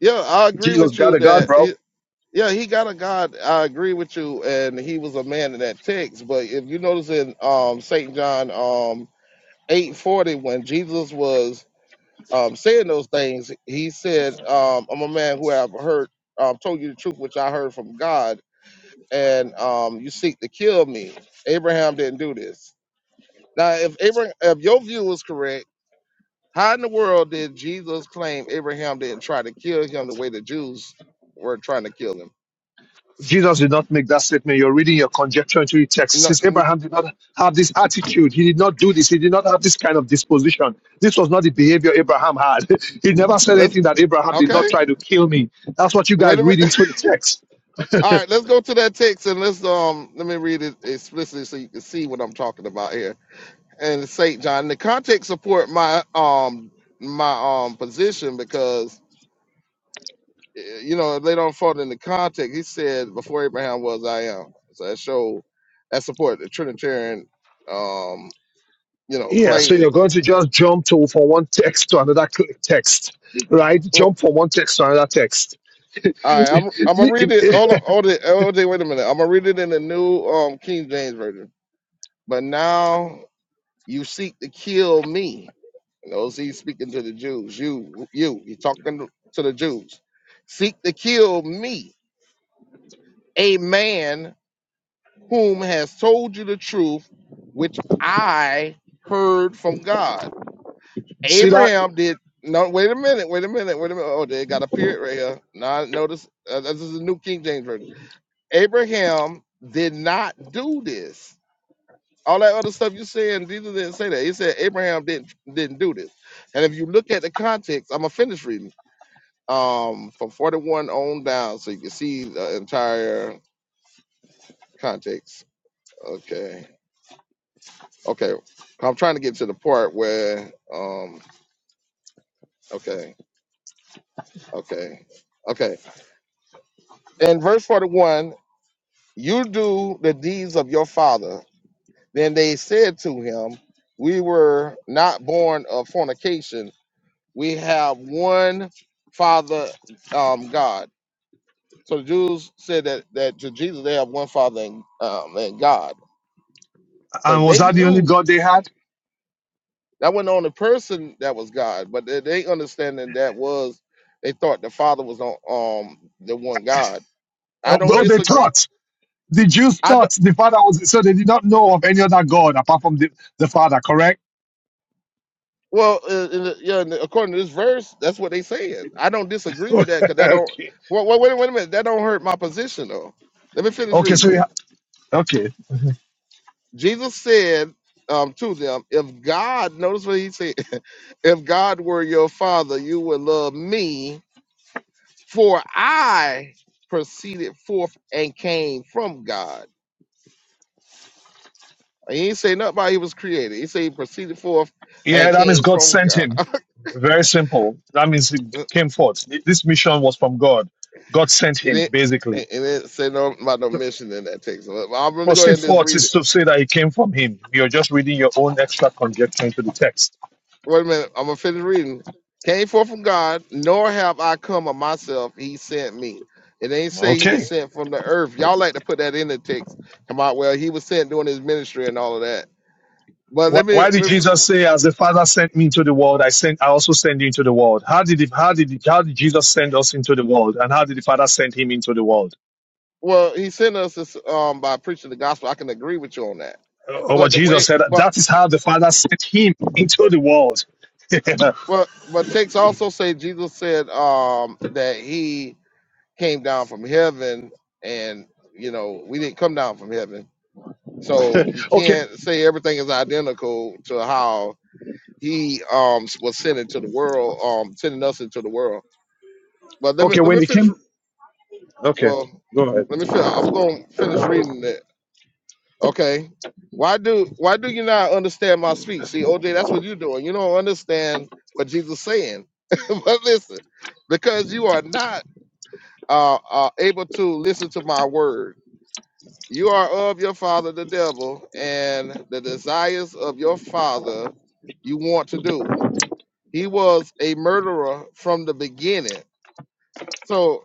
Speaker 2: Yeah, I agree
Speaker 4: Jesus
Speaker 2: with you
Speaker 4: got a God,
Speaker 2: that
Speaker 4: bro.
Speaker 2: he, yeah, he got a God. I agree with you, and he was a man in that text. But if you notice in um Saint John um eight forty, when Jesus was um saying those things, he said, um, "I'm a man who have heard um told you the truth which I heard from God, and um you seek to kill me." Abraham didn't do this. Now, if Abraham, if your view is correct, how in the world did Jesus claim Abraham didn't try to kill him the way the Jews were trying to kill him?
Speaker 4: Jesus did not make that statement. You're reading your conjecture into the text. It
Speaker 2: No,
Speaker 4: says
Speaker 2: n-
Speaker 4: Abraham did not have this attitude. He did not do this. He did not have this kind of disposition. This was not the behavior Abraham had. he never said
Speaker 2: let's
Speaker 4: anything that Abraham did not
Speaker 2: okay.
Speaker 4: try to kill me. That's what you
Speaker 2: Wait
Speaker 4: guys
Speaker 2: a
Speaker 4: read
Speaker 2: minute.
Speaker 4: into the text.
Speaker 2: All right, let's go to that text and let's um let me read it explicitly so you can see what I'm talking about here. And it's Saint John, the context support my um my um position because eh, you know later on further in the context he said before Abraham was I am. So that show that support the Trinitarian um you know
Speaker 4: Yeah, so
Speaker 2: claim.
Speaker 4: you're going to just jump to from one text to another cl- text, right?
Speaker 2: Well,
Speaker 4: Jump from one text to another text.
Speaker 2: all right, I'm I'm gonna
Speaker 4: It-
Speaker 2: read it. Hold on,
Speaker 4: it-
Speaker 2: hold it, hold it. Wait a minute. I'm gonna read it in the new um King James version. But now You seek to kill me. Those he's speaking to the Jews. You, you, he's talking to the Jews. Seek to kill me, a man whom has told you the truth, which I heard from God.
Speaker 4: See that?
Speaker 2: Abraham did. No, wait a minute, wait a minute, wait a minute. Oh, they got a period right here. Now notice uh, this is the New King James Version. Abraham did not do this all that other stuff you saying, Jesus didn't say that. He said Abraham didn't didn't do this. And if you look at the context, I'm gonna finish reading um from 41 on down, so you can see the entire context. Okay, okay. I'm trying to get to the part where um okay, okay, okay. In verse 41, you do the deeds of your father. Then they said to him, We were not born of fornication we have one Father, um, God. So the Jews said that that to Jesus they have one Father and, um, and God. So
Speaker 4: And was
Speaker 2: they
Speaker 4: that the only
Speaker 2: knew
Speaker 4: God they had?
Speaker 2: that wasn't the only person that was God, but they, they understanding that was they thought the Father was on um the one God. I don't
Speaker 4: Oh, they
Speaker 2: disagree.
Speaker 4: thought. the Jews
Speaker 2: I
Speaker 4: thought
Speaker 2: don't.
Speaker 4: the Father was so they did not know of any other God apart from the, the Father. Correct?
Speaker 2: Well, uh, uh, yeah, and according to this verse, that's what they said. I don't disagree with that because that don't.
Speaker 4: okay.
Speaker 2: Well, wait, wait a minute. That don't hurt my position though. Let me finish
Speaker 4: Okay. So
Speaker 2: reading.
Speaker 4: yeah. Okay.
Speaker 2: Jesus said um, to them, If God, notice what he said, if God were your father, you would love me, for I proceeded forth and came from God. He didn't say nothing about he was created. He said he proceeded forth and
Speaker 4: Yeah, that means
Speaker 2: came
Speaker 4: God
Speaker 2: from
Speaker 4: sent
Speaker 2: God.
Speaker 4: him. Very simple. That means he came forth. This mission was from God. God sent
Speaker 2: He
Speaker 4: him,
Speaker 2: didn't, he
Speaker 4: basically.
Speaker 2: he didn't say no about no mission in that text. But I'm going to go ahead
Speaker 4: Proceed
Speaker 2: and just
Speaker 4: forth
Speaker 2: read it.
Speaker 4: is to say that he came from him. You're just reading your own extra conjecture into the text.
Speaker 2: Wait a minute. I'm gonna finish reading. Came forth from God, nor have I come of myself. He sent me. It ain't say he was
Speaker 4: Okay.
Speaker 2: sent from the earth. Y'all like to put that in the text. Come out. Well, he was sent doing his ministry and all of that. But
Speaker 4: Why,
Speaker 2: let me.
Speaker 4: why did
Speaker 2: let me-
Speaker 4: Jesus say, "As the Father sent me into the world, I sent, I also send you into the world"? How did it, how did it, how did Jesus send us into the world, and how did the Father send him into the world?
Speaker 2: Well, he sent us this, um, by preaching the gospel. I can agree with you on that.
Speaker 4: Uh,
Speaker 2: But
Speaker 4: what
Speaker 2: the
Speaker 4: Jesus
Speaker 2: way,
Speaker 4: said,
Speaker 2: but
Speaker 4: that is how the Father sent him into the world.
Speaker 2: well, but texts also say Jesus said um that he came down from heaven, and you know we didn't come down from heaven So you
Speaker 4: okay,
Speaker 2: can't say everything is identical to how he um was sent into the world, um sending us into the world. But let me
Speaker 4: okay.
Speaker 2: let
Speaker 4: When
Speaker 2: me
Speaker 4: he
Speaker 2: finish.
Speaker 4: came, okay,
Speaker 2: Well,
Speaker 4: go ahead.
Speaker 2: let me finish. I'm gonna finish reading it. Okay. Why do why do you not understand my speech? See, OJ, that's what you're doing. You don't understand what Jesus saying. but listen, because you are not uh, uh able to listen to my word. You are of your father, the devil, and the desires of your father you want to do. He was a murderer from the beginning. So,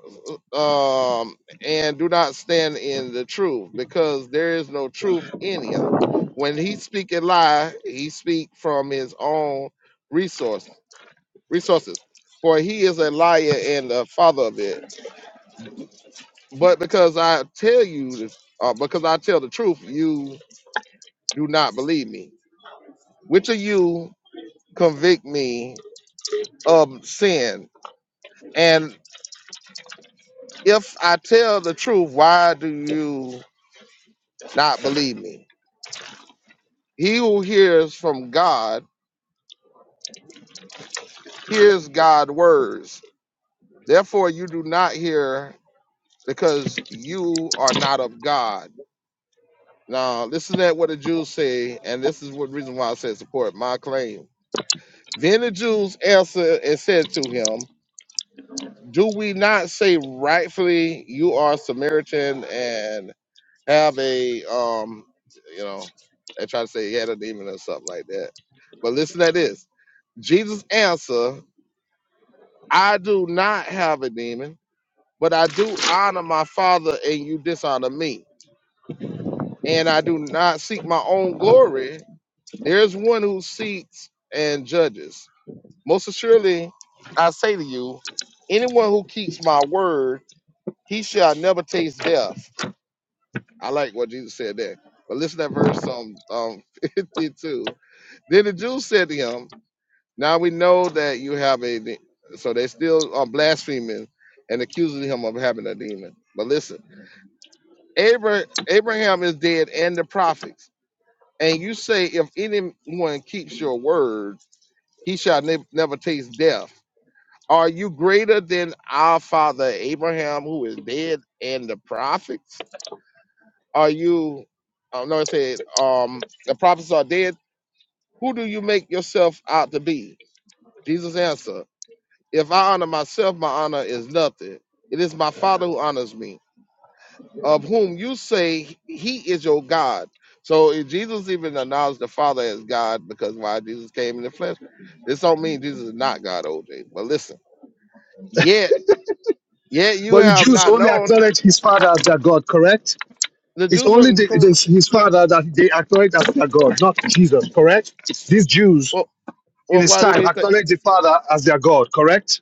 Speaker 2: um, and do not stand in the truth because there is no truth in him. When he speak a lie, he speak from his own resource resources, for he is a liar and the father of it. But because I tell you, uh, because I tell the truth, you do not believe me Which of you convict me of sin? And if I tell the truth, why do you not believe me? He who hears from God hears God's words. Therefore, you do not hear because you are not of God. Now, listen to what the Jews say, and this is what reason why I said support my claim. Then the Jews answered and said to him, Do we not say rightfully you are Samaritan and have a um you know they try to say he had a demon or something like that but listen to this jesus answer i do not have a demon but i do honor my father and you dishonor me and i do not seek my own glory there's one who seeks and judges most assuredly i say to you anyone who keeps my word he shall never taste death i like what jesus said there but listen to that verse um, um 52 Then the Jews said to him, Now we know that you have a de-" so they still are blaspheming and accusing him of having a demon. But listen, Abra- Abraham is dead and the prophets. And you say, if anyone keeps your word, he shall ne- never taste death. Are you greater than our father Abraham, who is dead and the prophets? Are you, I don't know, it said, um, the prophets are dead. Who do you make yourself out to be? Jesus answered. If I honor myself, my honor is nothing. It is my Father who honors me, of whom you say he is your God. So if Jesus even acknowledged the Father as God because why Jesus came in the flesh, this don't mean Jesus is not God, OJ. But listen, yet, yet you
Speaker 4: But the
Speaker 2: have
Speaker 4: Jews
Speaker 2: not
Speaker 4: only
Speaker 2: known
Speaker 4: acknowledge his Father as their God, correct?
Speaker 2: the
Speaker 4: It's
Speaker 2: Jews
Speaker 4: only
Speaker 2: weren't
Speaker 4: the,
Speaker 2: correct.
Speaker 4: this, his Father that they acknowledge as their God, not Jesus, correct? These Jews
Speaker 2: Well,
Speaker 4: in
Speaker 2: well,
Speaker 4: his
Speaker 2: why did
Speaker 4: time
Speaker 2: they think?
Speaker 4: acknowledge the Father as their God, correct?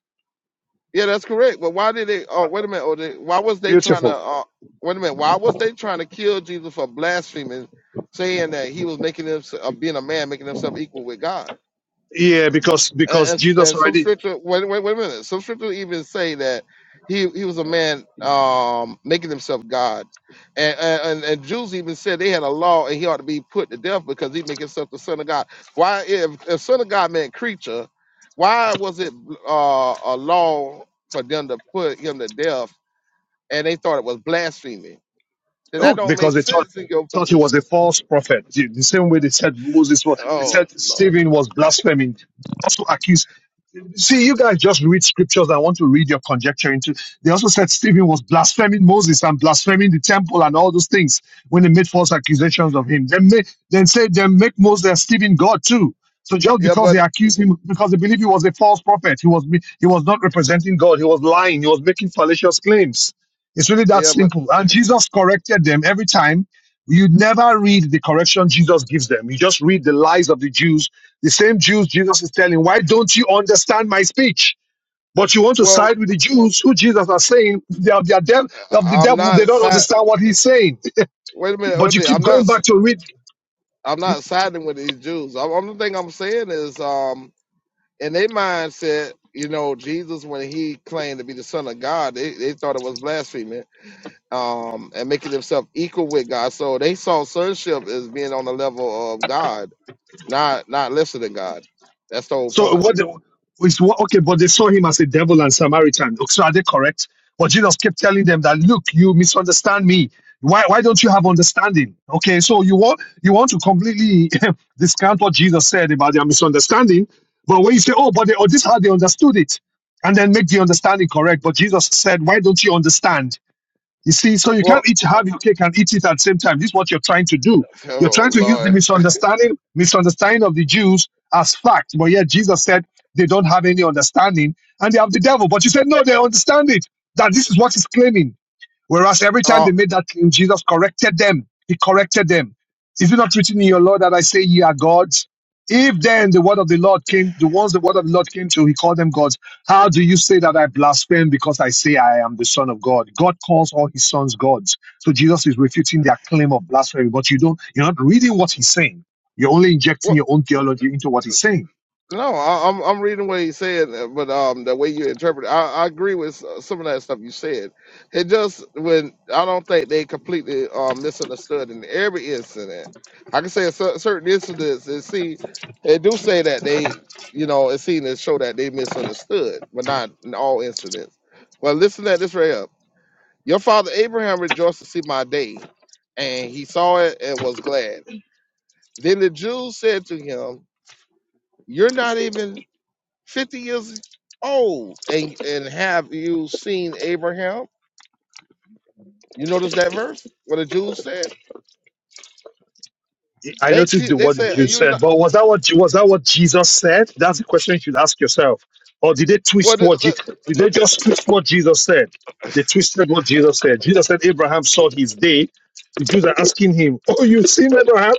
Speaker 2: Yeah, that's correct. But why did they? Oh, wait a minute. Oh, they, why was they trying to?
Speaker 4: Beautiful.
Speaker 2: Uh, wait a minute. Why was they trying to kill Jesus for blaspheming, saying that he was making himself, uh, being a man, making himself equal with God?
Speaker 4: Yeah, because
Speaker 2: and,
Speaker 4: because
Speaker 2: and,
Speaker 4: Jesus
Speaker 2: and some
Speaker 4: already
Speaker 2: scripture wait, wait wait a minute some scripture even say that he he was a man um making himself god and and, and jews even said they had a law and he ought to be put to death because he make himself the son of god why if, if son of god meant creature why was it uh a law for them to put him to death and they thought it was blasphemy then
Speaker 4: oh
Speaker 2: that don't
Speaker 4: because
Speaker 2: make
Speaker 4: they thought
Speaker 2: sense in your
Speaker 4: thought he was
Speaker 2: position
Speaker 4: a false prophet. The the same way they said Moses was they
Speaker 2: oh
Speaker 4: said
Speaker 2: lord
Speaker 4: Stephen was blaspheming. Also accused see you guys just read scriptures and want to read your conjecture into they also said Stephen was blaspheming Moses and blaspheming the temple and all those things when they made false accusations of him. Then make then say then make Moses and Stephen God too. So just
Speaker 2: yeah
Speaker 4: because they
Speaker 2: but
Speaker 4: accused him, because they believe he was a false prophet, he was he was not representing God. He was lying. He was making fallacious claims. It's really that
Speaker 2: yeah but
Speaker 4: simple. And Jesus corrected them every time. You never read the correction Jesus gives them. You just read the lies of the Jews. The same Jews Jesus is telling, why don't you understand my speech? But you want to
Speaker 2: well
Speaker 4: side with the Jews who Jesus are saying they are, they are dev- of the
Speaker 2: I- i'm
Speaker 4: devil. They
Speaker 2: not
Speaker 4: don't
Speaker 2: si,
Speaker 4: understand what he's saying.
Speaker 2: Wait a minute,
Speaker 4: But you
Speaker 2: OJ.
Speaker 4: keep
Speaker 2: I'm not.
Speaker 4: going
Speaker 2: s-
Speaker 4: back to read
Speaker 2: I'm not siding with these Jews. I'm, I'm The only thing I'm saying is, um, in their mindset, you know, Jesus when he claimed to be the Son of God, they, they thought it was blasphemy, um, and making himself equal with God. So they saw sonship as being on the level of God, not not lesser than God. That's the whole
Speaker 4: So
Speaker 2: point.
Speaker 4: what the, is what okay, but they saw him as a devil and Samaritan. Okay, So are they correct? But Jesus kept telling them that look, you misunderstand me. Why why don't you have understanding? Okay, so you want you want to completely discount what Jesus said about their misunderstanding, but when you say, Oh, but they, oh, this is how they understood it, and then make the understanding correct. But Jesus said, Why don't you understand? You see, so you
Speaker 2: Well,
Speaker 4: can't eat have your cake and eat it at the same time. This is what you're trying to do. You're
Speaker 2: oh
Speaker 4: trying to use the
Speaker 2: Lord.
Speaker 4: misunderstanding, misunderstanding of the Jews as fact. But yet Jesus said they don't have any understanding and they have the devil. But you said no, they understand it. That this is what he's claiming. Whereas every time
Speaker 2: Uh,
Speaker 4: they made that claim, Jesus corrected them. He corrected them. Is it not written in your law that I say ye are gods? If then the word of the Lord came, the ones the word of the Lord came to, he called them gods. How do you say that I blaspheme because I say I am the son of God? God calls all his sons gods. So Jesus is refuting their claim of blasphemy, but you don't, you're not reading what he's saying. You're only
Speaker 2: wha-
Speaker 4: injecting your own theology into what he's saying.
Speaker 2: No, I, I'm I'm reading what he said, uh, but um, the way you interpret it, I, I agree with s- uh, some of that stuff you said. It just when I don't think they completely um misunderstood in every incident. I can say cer- certain incidents and see, they do say that they, you know, it seen to show that they misunderstood, but not in all incidents. Well, listen to this right up. Your father Abraham rejoiced to see my day, and he saw it and was glad. Then the Jews said to him, "You're not even." 50 years old and and have you seen abraham you notice that verse what the jews said
Speaker 4: I
Speaker 2: they
Speaker 4: noticed
Speaker 2: cre-
Speaker 4: the
Speaker 2: they
Speaker 4: word
Speaker 2: said
Speaker 4: you
Speaker 2: you
Speaker 4: said,
Speaker 2: not
Speaker 4: but was that what was that what Jesus said? That's the question you should ask yourself. Or did they
Speaker 2: what
Speaker 4: twist
Speaker 2: the,
Speaker 4: what Je-
Speaker 2: the-
Speaker 4: did they just twist what Jesus said? They twisted what Jesus said. Jesus said Abraham saw his day. The Jews are asking him, "Oh, you've seen Abraham,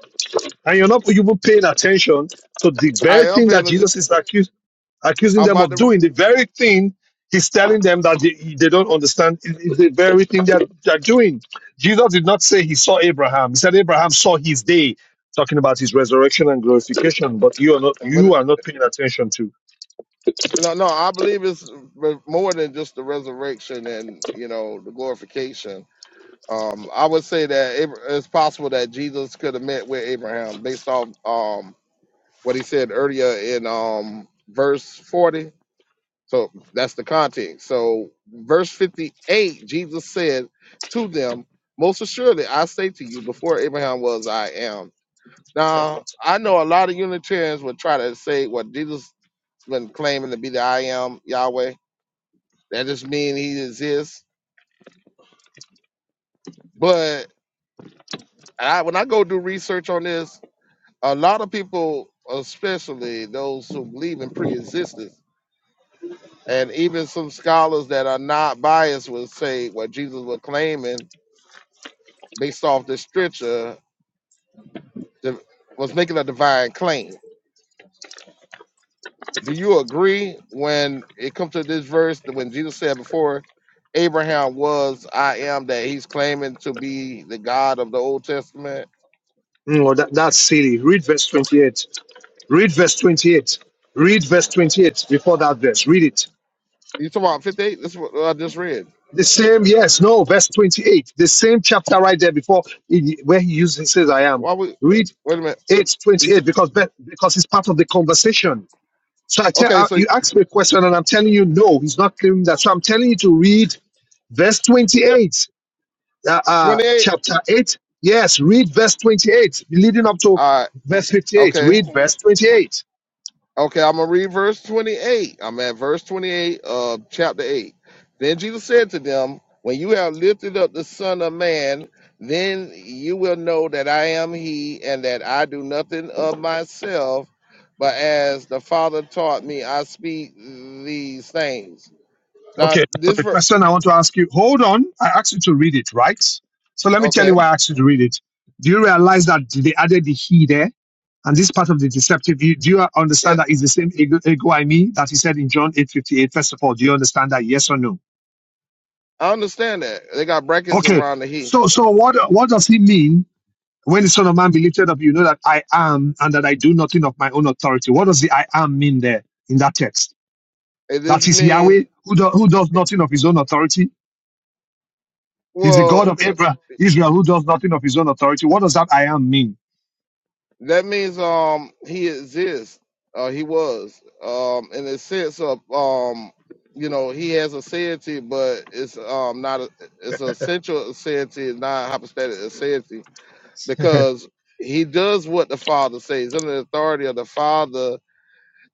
Speaker 4: and you're not you even paying attention So the
Speaker 2: i
Speaker 4: very
Speaker 2: am
Speaker 4: thing
Speaker 2: paying
Speaker 4: that
Speaker 2: attention
Speaker 4: Jesus is accusing." accusing
Speaker 2: i'm
Speaker 4: them
Speaker 2: about
Speaker 4: of
Speaker 2: to
Speaker 4: doing the very thing he's telling them that they, they don't understand is is the very thing they're, they're doing. Jesus did not say he saw Abraham. He said Abraham saw his day, talking about his resurrection and glorification, but you are not
Speaker 2: but
Speaker 4: you
Speaker 2: it-
Speaker 4: are not paying attention to.
Speaker 2: no no i believe it's more than just the resurrection and you know the glorification um i would say that Abra- it's possible that jesus could have met with abraham based off um what he said earlier in um verse 40 So that's the context. So, verse 58, Jesus said to them, Most assuredly, I say to you, before Abraham was, I am. Now, I know a lot of Unitarians would try to say what Jesus been claiming to be the I am Yahweh. That just means he exists. But I, when I go do research on this, a lot of people, especially those who believe in pre-existence, and even some scholars that are not biased would say what Jesus was claiming based off this scripture that was making a divine claim. Do you agree when it comes to this verse that when Jesus said before Abraham was I am that he's claiming to be the God of the Old Testament?
Speaker 4: Mm, well, that, that's silly. Read verse 28. Read verse 28. Read verse 28 before that verse. Read it.
Speaker 2: You talking about 58? This is what I just read.
Speaker 4: The same, yes, no, verse 28. The same chapter right there before he, where he uses he says I am.
Speaker 2: Why would
Speaker 4: Read
Speaker 2: wait a minute.
Speaker 4: 8
Speaker 2: You say,
Speaker 4: 28 because be- because it's part of the conversation. So I tell
Speaker 2: okay,
Speaker 4: uh,
Speaker 2: so
Speaker 4: you ask me a question and I'm telling you no, he's not claiming that. So I'm telling you to read verse 28, uh, uh,
Speaker 2: 28.
Speaker 4: chapter 8. Yes, read verse 28, leading up to
Speaker 2: All right,
Speaker 4: verse 58. Read
Speaker 2: okay.
Speaker 4: verse 28.
Speaker 2: Okay, I'm gonna read verse 28. I'm at verse 28 of chapter 8. Then Jesus said to them, When you have lifted up the Son of Man, then you will know that I am He, and that I do nothing of myself, but as the Father taught me, I speak these things. Now,
Speaker 4: Okay, so
Speaker 2: this
Speaker 4: the
Speaker 2: verse,
Speaker 4: question I want to ask you, hold on. I asked you to read it, right? So let me tell you why
Speaker 2: okay,
Speaker 4: I asked you to read it. Do you realize that they added the he there? And this part of the deceptive view, do you
Speaker 2: yeah,
Speaker 4: understand that it's the same ego, ego I me that he said in John 8.58? First of all, do you understand that? Yes or no?
Speaker 2: I understand that they got brackets
Speaker 4: Okay.
Speaker 2: around the He.
Speaker 4: So so what what does he mean when the Son of Man be lifted up? You know that I am and that I do nothing of my own authority. What does the I am mean there in that text?
Speaker 2: It
Speaker 4: That
Speaker 2: just
Speaker 4: is
Speaker 2: mean
Speaker 4: Yahweh who, do, who does nothing of his own authority He's the God
Speaker 2: well.
Speaker 4: of
Speaker 2: uh,
Speaker 4: Abraham, Israel, who does nothing of his own authority. What does that I am mean?
Speaker 2: That means um he exists. Uh, he was um in the sense of um you know he has a deity, but it's um not a, it's a central deity, not hypostatic deity, because he does what the Father says. He's under the authority of the Father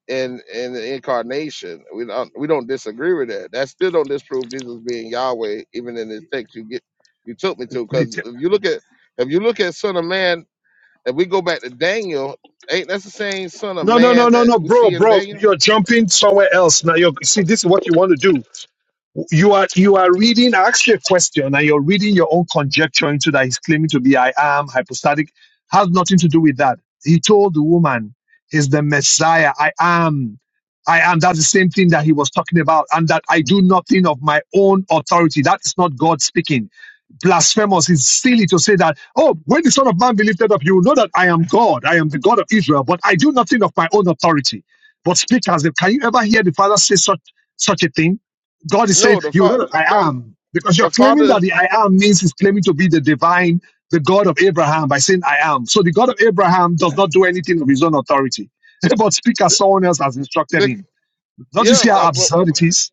Speaker 2: in in the incarnation. We don't we don't disagree with that. That still don't disprove Jesus being Yahweh, even in this text you get you took me to.
Speaker 4: The
Speaker 2: Because if you look at if you look at Son of Man if we go back to Daniel, ain't that's the same son of
Speaker 4: No, no, no,
Speaker 2: man
Speaker 4: no,
Speaker 2: that
Speaker 4: no,
Speaker 2: we
Speaker 4: bro,
Speaker 2: see in
Speaker 4: bro.
Speaker 2: Daniel?
Speaker 4: You're jumping somewhere else now. You're, see, this is what you want to do. You are you are reading. I asked you a question, and you're reading your own conjecture into that. He's claiming to be I am hypostatic. Has nothing to do with that. He told the woman, "Is the Messiah? I am." I am. That's the same thing that he was talking about, and that I do nothing of my own authority. That is not God speaking blasphemous. It's silly to say that, oh, when the Son of Man be lifted up, you will know that I am God. I am the God of Israel, but I do nothing of my own authority, but speak as if. Can you ever hear the Father say such, such a thing? God is saying,
Speaker 2: No, the
Speaker 4: you know
Speaker 2: father,
Speaker 4: that I
Speaker 2: no,
Speaker 4: am. Because you're
Speaker 2: the father
Speaker 4: claiming that
Speaker 2: is,
Speaker 4: the I am means he's claiming to be the divine, the God of Abraham by saying I am. So the God of Abraham does not do anything of his own authority, but speak as someone else has instructed
Speaker 2: big-
Speaker 4: him. Don't you
Speaker 2: yeah,
Speaker 4: see how
Speaker 2: but but-
Speaker 4: absurd it is?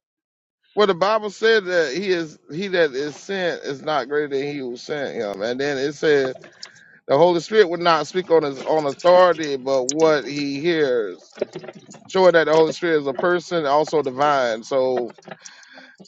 Speaker 2: well, the Bible said that he is, he that is sent is not greater than he who sent him. And then it says, The Holy Spirit would not speak on his own authority, but what he hears, showing that the Holy Spirit is a person, also divine. So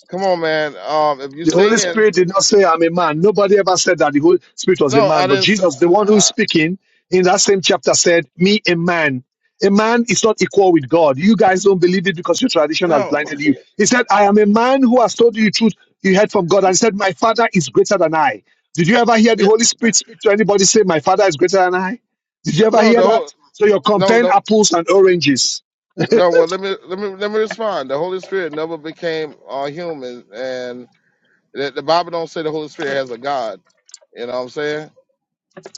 Speaker 2: come on, man. Um, if you're
Speaker 4: The Holy
Speaker 2: saying
Speaker 4: Spirit did not say, I'm a man. Nobody ever said that the Holy Spirit was a
Speaker 2: no,
Speaker 4: man.
Speaker 2: I
Speaker 4: But
Speaker 2: didn't. s-
Speaker 4: Jesus, the one who is
Speaker 2: Uh,
Speaker 4: speaking in that same chapter, said, Me, a man. A man is not equal with God. You guys don't believe it because your tradition has
Speaker 2: no,
Speaker 4: blinded you. He said, I am a man who has told you the truth you heard from God. And he said, My Father is greater than I. Did you ever hear the
Speaker 2: yeah,
Speaker 4: Holy Spirit speak to anybody say, My Father is greater than I? Did you ever
Speaker 2: no,
Speaker 4: hear
Speaker 2: the whole
Speaker 4: that? So you're
Speaker 2: no,
Speaker 4: comparing
Speaker 2: the,
Speaker 4: apples and oranges.
Speaker 2: no. Well, let me let me let me respond. The Holy Spirit never became uh, human, and the, the Bible don't say the Holy Spirit has a God. You know what I'm saying?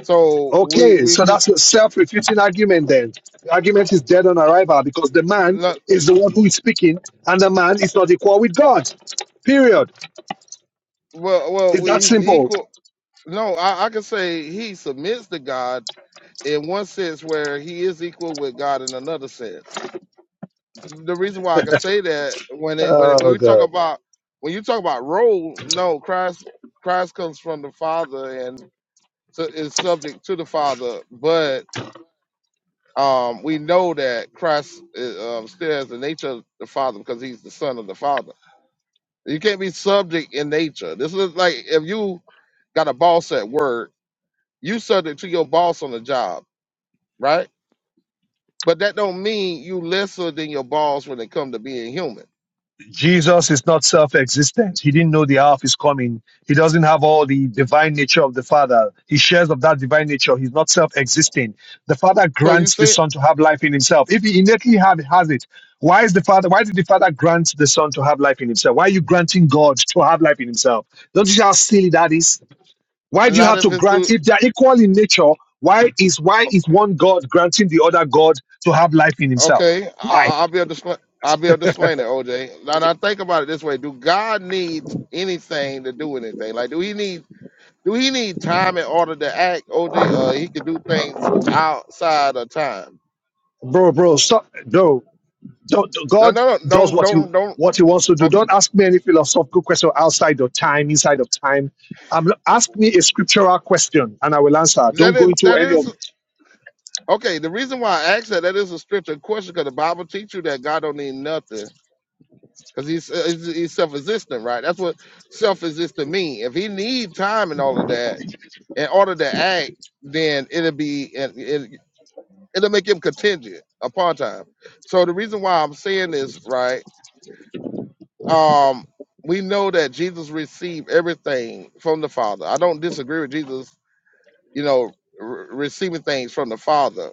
Speaker 2: So we
Speaker 4: Okay,
Speaker 2: we
Speaker 4: so
Speaker 2: can
Speaker 4: that's a self-refuting argument then. The argument is dead on arrival because the man
Speaker 2: no,
Speaker 4: is the one who is speaking and the man is not equal with God. Period.
Speaker 2: well well
Speaker 4: It's
Speaker 2: we,
Speaker 4: that
Speaker 2: he's
Speaker 4: simple.
Speaker 2: equal. No, I, I could say he submits to God in one sense where he is equal with God in another sense. The reason why I can say that when it when it, when
Speaker 4: Oh,
Speaker 2: we talk
Speaker 4: God.
Speaker 2: about when you talk about role, no, Christ Christ comes from the Father and su- is subject to the Father, but um, we know that Christ uh, um, still has the nature of the Father because he's the Son of the Father. You can't be subject in nature. This is like if you got a boss at work, you subject to your boss on the job right? But that don't mean you lesser than your boss when it come to being human.
Speaker 4: Jesus is not self existent. He didn't know the hour of his coming. He doesn't have all the divine nature of the Father. He shares of that divine nature. He's not self existing. The Father
Speaker 2: So you
Speaker 4: grants the
Speaker 2: see,
Speaker 4: Son to have life in himself. If he innately had, has it, why is the Father why did the Father grant the Son to have life in himself? Why are you granting God to have life in himself? Don't you see how silly that is? Why do you
Speaker 2: not
Speaker 4: have to
Speaker 2: if it's
Speaker 4: grant
Speaker 2: do
Speaker 4: if they are equal in nature? Why is why is one God granting the other God to have life in himself?
Speaker 2: okay.
Speaker 4: Why?
Speaker 2: I, I'll be able to sl- I'll be able to explain it, OJ. Now, now think about it this way: Do God need anything to do anything? Like, do he need do he need time in order to act, OJ? Uh, he could do things outside of time.
Speaker 4: Bro, bro, stop bro. Do- do-
Speaker 2: No,
Speaker 4: God
Speaker 2: no, no,
Speaker 4: does
Speaker 2: don't,
Speaker 4: what he
Speaker 2: don't, don't.
Speaker 4: what he wants to do.
Speaker 2: Okay,
Speaker 4: Don't ask me any philosophical question outside of time, inside of time. Um, ask me a scriptural question, and I will answer.
Speaker 2: that
Speaker 4: Don't go
Speaker 2: is
Speaker 4: into
Speaker 2: that
Speaker 4: any of.
Speaker 2: is okay. The reason why I asked that that is a scripture question because the Bible teaches you that God don't need nothing because he's, uh, he's he's self-existent, right? That's what self-existent mean. If he need time and all of that in order to act, then it'll be and it, it'll make him contingent upon time. So the reason why I'm saying this, right? Um, we know that Jesus received everything from the Father. I don't disagree with Jesus, you know, re- receiving things from the Father.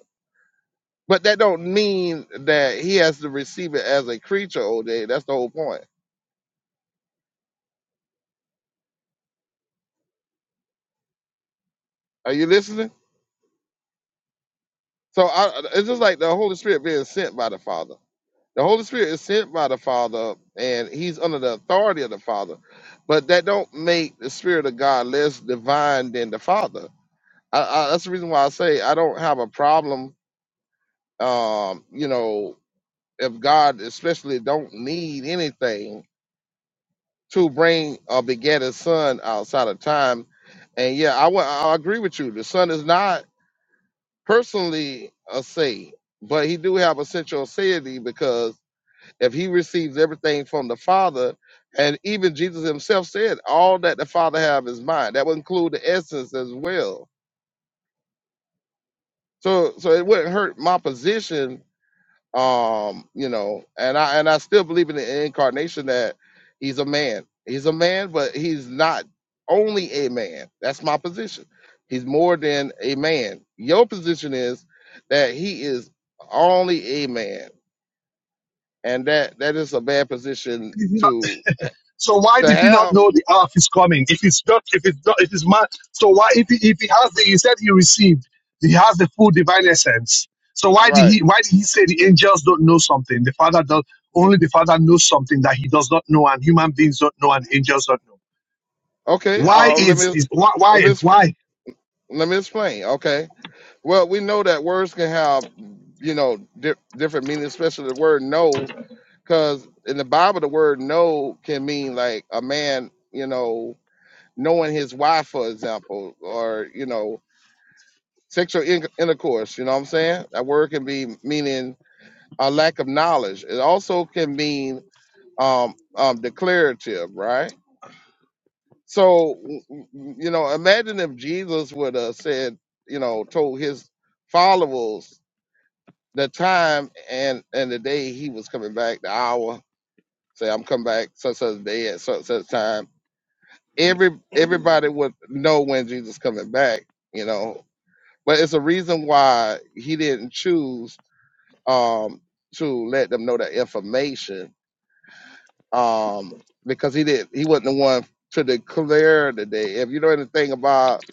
Speaker 2: But that don't mean that he has to receive it as a creature, All day. That's the whole point. Are you listening? So I, it's just like the Holy Spirit being sent by the Father. The Holy Spirit is sent by the Father, and He's under the authority of the Father. But that don't make the Spirit of God less divine than the Father. I, I, that's the reason why I say I don't have a problem. Um, you know, if God especially don't need anything to bring a beget a son outside of time, and yeah, I, wa- I agree with you. The son is not. personally a say, but he do have essential aseity because if he receives everything from the Father, and even Jesus himself said, all that the Father have is mine. That would include the essence as well. So so it wouldn't hurt my position um you know and i and i still believe in the incarnation that he's a man he's a man but he's not only a man that's my position he's more than a man your position is that he is only a man and that that is a bad position to
Speaker 4: So why
Speaker 2: to
Speaker 4: did he not
Speaker 2: have
Speaker 4: know the earth is coming? If it's not, if it's not, if it's man. So why if he, if he has the he said he received, he has the full divine essence. So why did
Speaker 2: right
Speaker 4: he why did he say the angels don't know something? The father does only the father knows something that he does not know, and human beings don't know, and angels don't know.
Speaker 2: okay
Speaker 4: Why
Speaker 2: uh let
Speaker 4: is
Speaker 2: me
Speaker 4: this? Why?
Speaker 2: let
Speaker 4: Why?
Speaker 2: me ex-
Speaker 4: Why?
Speaker 2: let me explain. Okay. Well, we know that words can have you know di- different meanings, especially the word no. because in the Bible, the word "know" can mean like a man, you know, knowing his wife, for example, or you know, sexual in- intercourse. You know what I'm saying? That word can be meaning a lack of knowledge. It also can mean um, um, declarative, right? So, w- w- you know, imagine if Jesus would have said, you know, told his followers the time and and the day he was coming back, the hour. Say, I'm coming back such such a day at such such time every everybody would know when Jesus coming back, you know. But it's a reason why he didn't choose um to let them know that information. Um because he did he wasn't the one to declare the day. If you know anything about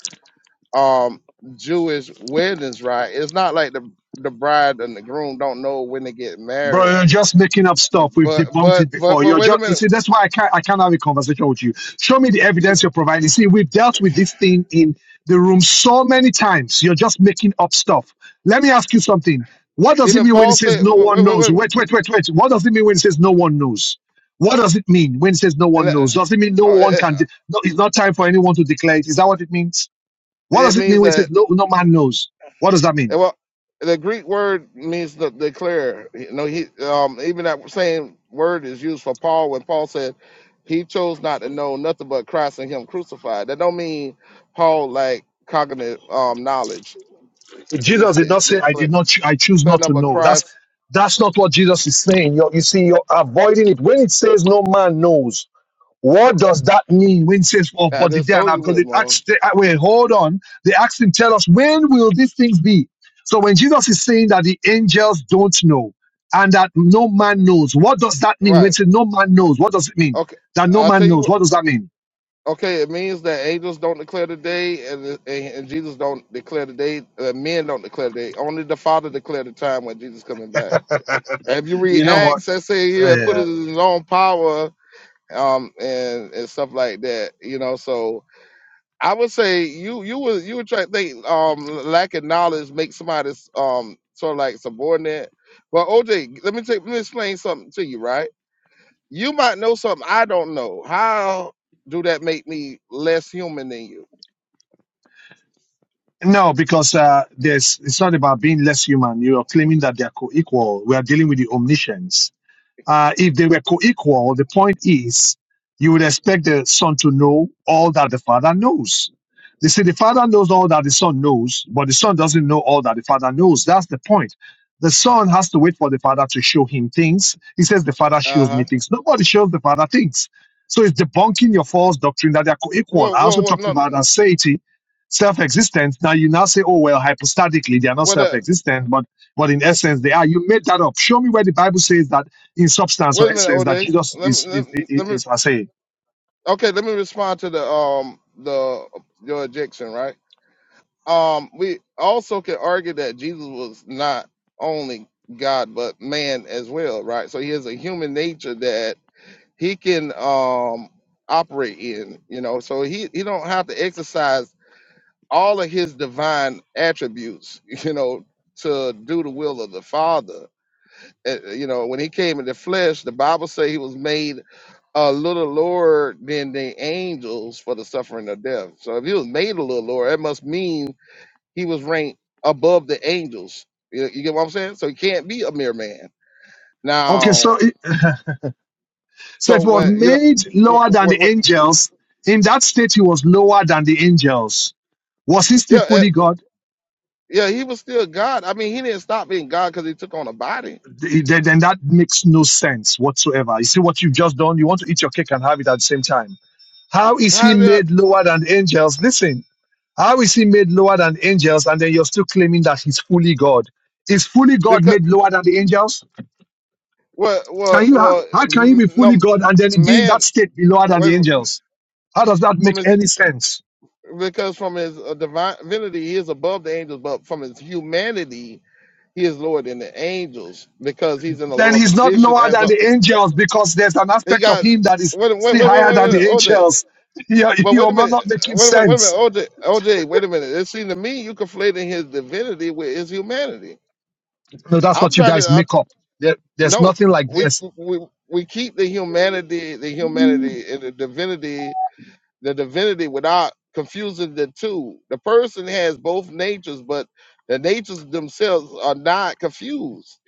Speaker 2: um Jewish weddings, right? It's not like the the bride and the groom don't know when they get
Speaker 4: Bro,
Speaker 2: married.
Speaker 4: you're just making up stuff. We've
Speaker 2: But
Speaker 4: debunked
Speaker 2: but
Speaker 4: it
Speaker 2: but
Speaker 4: before.
Speaker 2: but
Speaker 4: You're
Speaker 2: wait a
Speaker 4: just you
Speaker 2: minute.
Speaker 4: see, that's why I can't I can't have a conversation with you. Show me the
Speaker 2: You
Speaker 4: evidence you're providing. See, we've dealt with this thing in the room so many times. You're just making up stuff. Let me ask you something. What does it
Speaker 2: even
Speaker 4: mean when it
Speaker 2: Paul
Speaker 4: says
Speaker 2: said
Speaker 4: no
Speaker 2: wait,
Speaker 4: one
Speaker 2: wait, wait,
Speaker 4: knows?
Speaker 2: wait.
Speaker 4: Wait, wait, wait, wait. What does it mean when it says no one knows? What does it mean when it says no
Speaker 2: And,
Speaker 4: one
Speaker 2: uh,
Speaker 4: knows? Does it mean no one
Speaker 2: uh,
Speaker 4: can de- no it's not time for anyone to declare it? Is that what it means? What
Speaker 2: it
Speaker 4: does it
Speaker 2: means
Speaker 4: mean when it
Speaker 2: that
Speaker 4: says no no man knows? What does that mean?
Speaker 2: And well, the Greek word means to declare. You know, he um, even that same word is used for Paul when Paul said he chose not to know nothing but Christ and Him crucified. That don't mean Paul like cognitive um, knowledge. It is
Speaker 4: Jesus
Speaker 2: the
Speaker 4: did not say,
Speaker 2: the
Speaker 4: I
Speaker 2: clear
Speaker 4: did not, cho- I choose not
Speaker 2: nothing
Speaker 4: to
Speaker 2: but
Speaker 4: know. That's,
Speaker 2: Christ.
Speaker 4: that's not what Jesus is saying. You're, you see, you're avoiding it. When it says no man knows, what does that mean when it says, oh,
Speaker 2: I
Speaker 4: but the
Speaker 2: just
Speaker 4: day and
Speaker 2: told
Speaker 4: hour,"
Speaker 2: you
Speaker 4: Because
Speaker 2: what it
Speaker 4: it
Speaker 2: means.
Speaker 4: asked, they, uh, wait, hold on. They asked him, tell us, when will these things be? So when Jesus is saying that the angels don't know and that no man knows, what does that mean? When it
Speaker 2: Right.
Speaker 4: says no man knows, what does it mean?
Speaker 2: Okay.
Speaker 4: That no
Speaker 2: I'll
Speaker 4: man
Speaker 2: tell you
Speaker 4: knows,
Speaker 2: what.
Speaker 4: what does that mean?
Speaker 2: Okay, it means that angels don't declare the day, and, and, and Jesus don't declare the day. Uh, men don't declare the day. Only the Father declared the time when Jesus coming back. if you read
Speaker 4: You know what?
Speaker 2: Acts, I say he had
Speaker 4: Yeah.
Speaker 2: put it in his own power, um, and and stuff like that. You know, so I would say you you would you would try to think um lack of knowledge makes somebody um sort of like subordinate. But OJ, let me take let me explain something to you, right? You might know something I don't know. How do that make me less human than you?
Speaker 4: No, because uh, there's it's not about being less human. You are claiming that they are co-equal. We are dealing with the omniscience. Uh, if they were co-equal, the point is you would expect the son to know all that the father knows. They say the father knows all that the son knows, but the son doesn't know all that the father knows. That's the point. The son has to wait for the father to show him things. He says the father
Speaker 2: Uh
Speaker 4: shows me
Speaker 2: huh.
Speaker 4: things. Nobody shows the father things. So it's debunking your false doctrine that they are co-equal.
Speaker 2: Well,
Speaker 4: I
Speaker 2: well,
Speaker 4: also
Speaker 2: well,
Speaker 4: talked
Speaker 2: no,
Speaker 4: about aseity, self-existent. Now you now say, oh well, hypostatically they are not
Speaker 2: what? Uh,
Speaker 4: self-existent, but but in
Speaker 2: well,
Speaker 4: essence they are. You made that up. Show me where the Bible says that in substance
Speaker 2: wait
Speaker 4: or
Speaker 2: a minute,
Speaker 4: essence that
Speaker 2: OJ.
Speaker 4: Jesus
Speaker 2: Let me
Speaker 4: is
Speaker 2: let
Speaker 4: is,
Speaker 2: me let
Speaker 4: is,
Speaker 2: me
Speaker 4: is I say.
Speaker 2: Okay, let me respond to the um the your objection, right? Um, we also can argue that Jesus was not only God but man as well, right? So he has a human nature that he can um operate in, you know. So he he don't have to exercise all of his divine attributes, you know, to do the will of the Father uh, uh, you know, when he came in the flesh, the Bible say he was made a little lower than the angels for the suffering of death. So if he was made a little lower, that must mean he was ranked above the angels. You, you get what I'm saying? So he can't be a mere man.
Speaker 4: Okay, so
Speaker 2: Now,
Speaker 4: it, so if
Speaker 2: so
Speaker 4: he was
Speaker 2: when you know,
Speaker 4: made
Speaker 2: what,
Speaker 4: lower than the
Speaker 2: what, what,
Speaker 4: angels, in that state he was lower than the angels. Was he still
Speaker 2: yeah, eh,
Speaker 4: fully God?
Speaker 2: yeah, he was still God. I mean, he didn't stop being God because he took on a body.
Speaker 4: Th- Then, then that makes no sense whatsoever. You see what you've just done? You want to eat your cake and have it at the same time. How is he
Speaker 2: How did
Speaker 4: made lower than the angels? Listen, how is he made lower than angels and then you're still claiming that he's fully God? Is fully God
Speaker 2: because
Speaker 4: made lower than the angels?
Speaker 2: well,
Speaker 4: Can
Speaker 2: well,
Speaker 4: you how,
Speaker 2: well,
Speaker 4: how can you
Speaker 2: mm,
Speaker 4: be fully
Speaker 2: no
Speaker 4: God and then be in that
Speaker 2: man.
Speaker 4: state be lower than the
Speaker 2: Wait,
Speaker 4: angels? How does that
Speaker 2: a
Speaker 4: make
Speaker 2: minute.
Speaker 4: any sense?
Speaker 2: because from his uh, divinity he is above the angels, but from his humanity he is lower than the angels because he's in a
Speaker 4: Then
Speaker 2: lower
Speaker 4: he's not
Speaker 2: position
Speaker 4: lower
Speaker 2: as
Speaker 4: than
Speaker 2: a
Speaker 4: the angels because there's an
Speaker 2: he
Speaker 4: aspect of
Speaker 2: got
Speaker 4: him that is
Speaker 2: wait wait
Speaker 4: still
Speaker 2: wait wait
Speaker 4: higher
Speaker 2: wait,
Speaker 4: than
Speaker 2: wait
Speaker 4: the
Speaker 2: OJ.
Speaker 4: angels. You're,
Speaker 2: But wait
Speaker 4: you're
Speaker 2: a minute,
Speaker 4: not making
Speaker 2: wait, wait, wait a minute,
Speaker 4: sense.
Speaker 2: OJ, OJ, wait a minute. It seems to me you conflating his divinity with his humanity.
Speaker 4: No, that's
Speaker 2: I'm
Speaker 4: what you
Speaker 2: trying to
Speaker 4: guys
Speaker 2: I,
Speaker 4: make up. There, there's
Speaker 2: no,
Speaker 4: nothing like
Speaker 2: we
Speaker 4: this.
Speaker 2: we we keep the humanity, the humanity and the divinity the divinity without confusing the two. The person has both natures, but the natures themselves are not confused.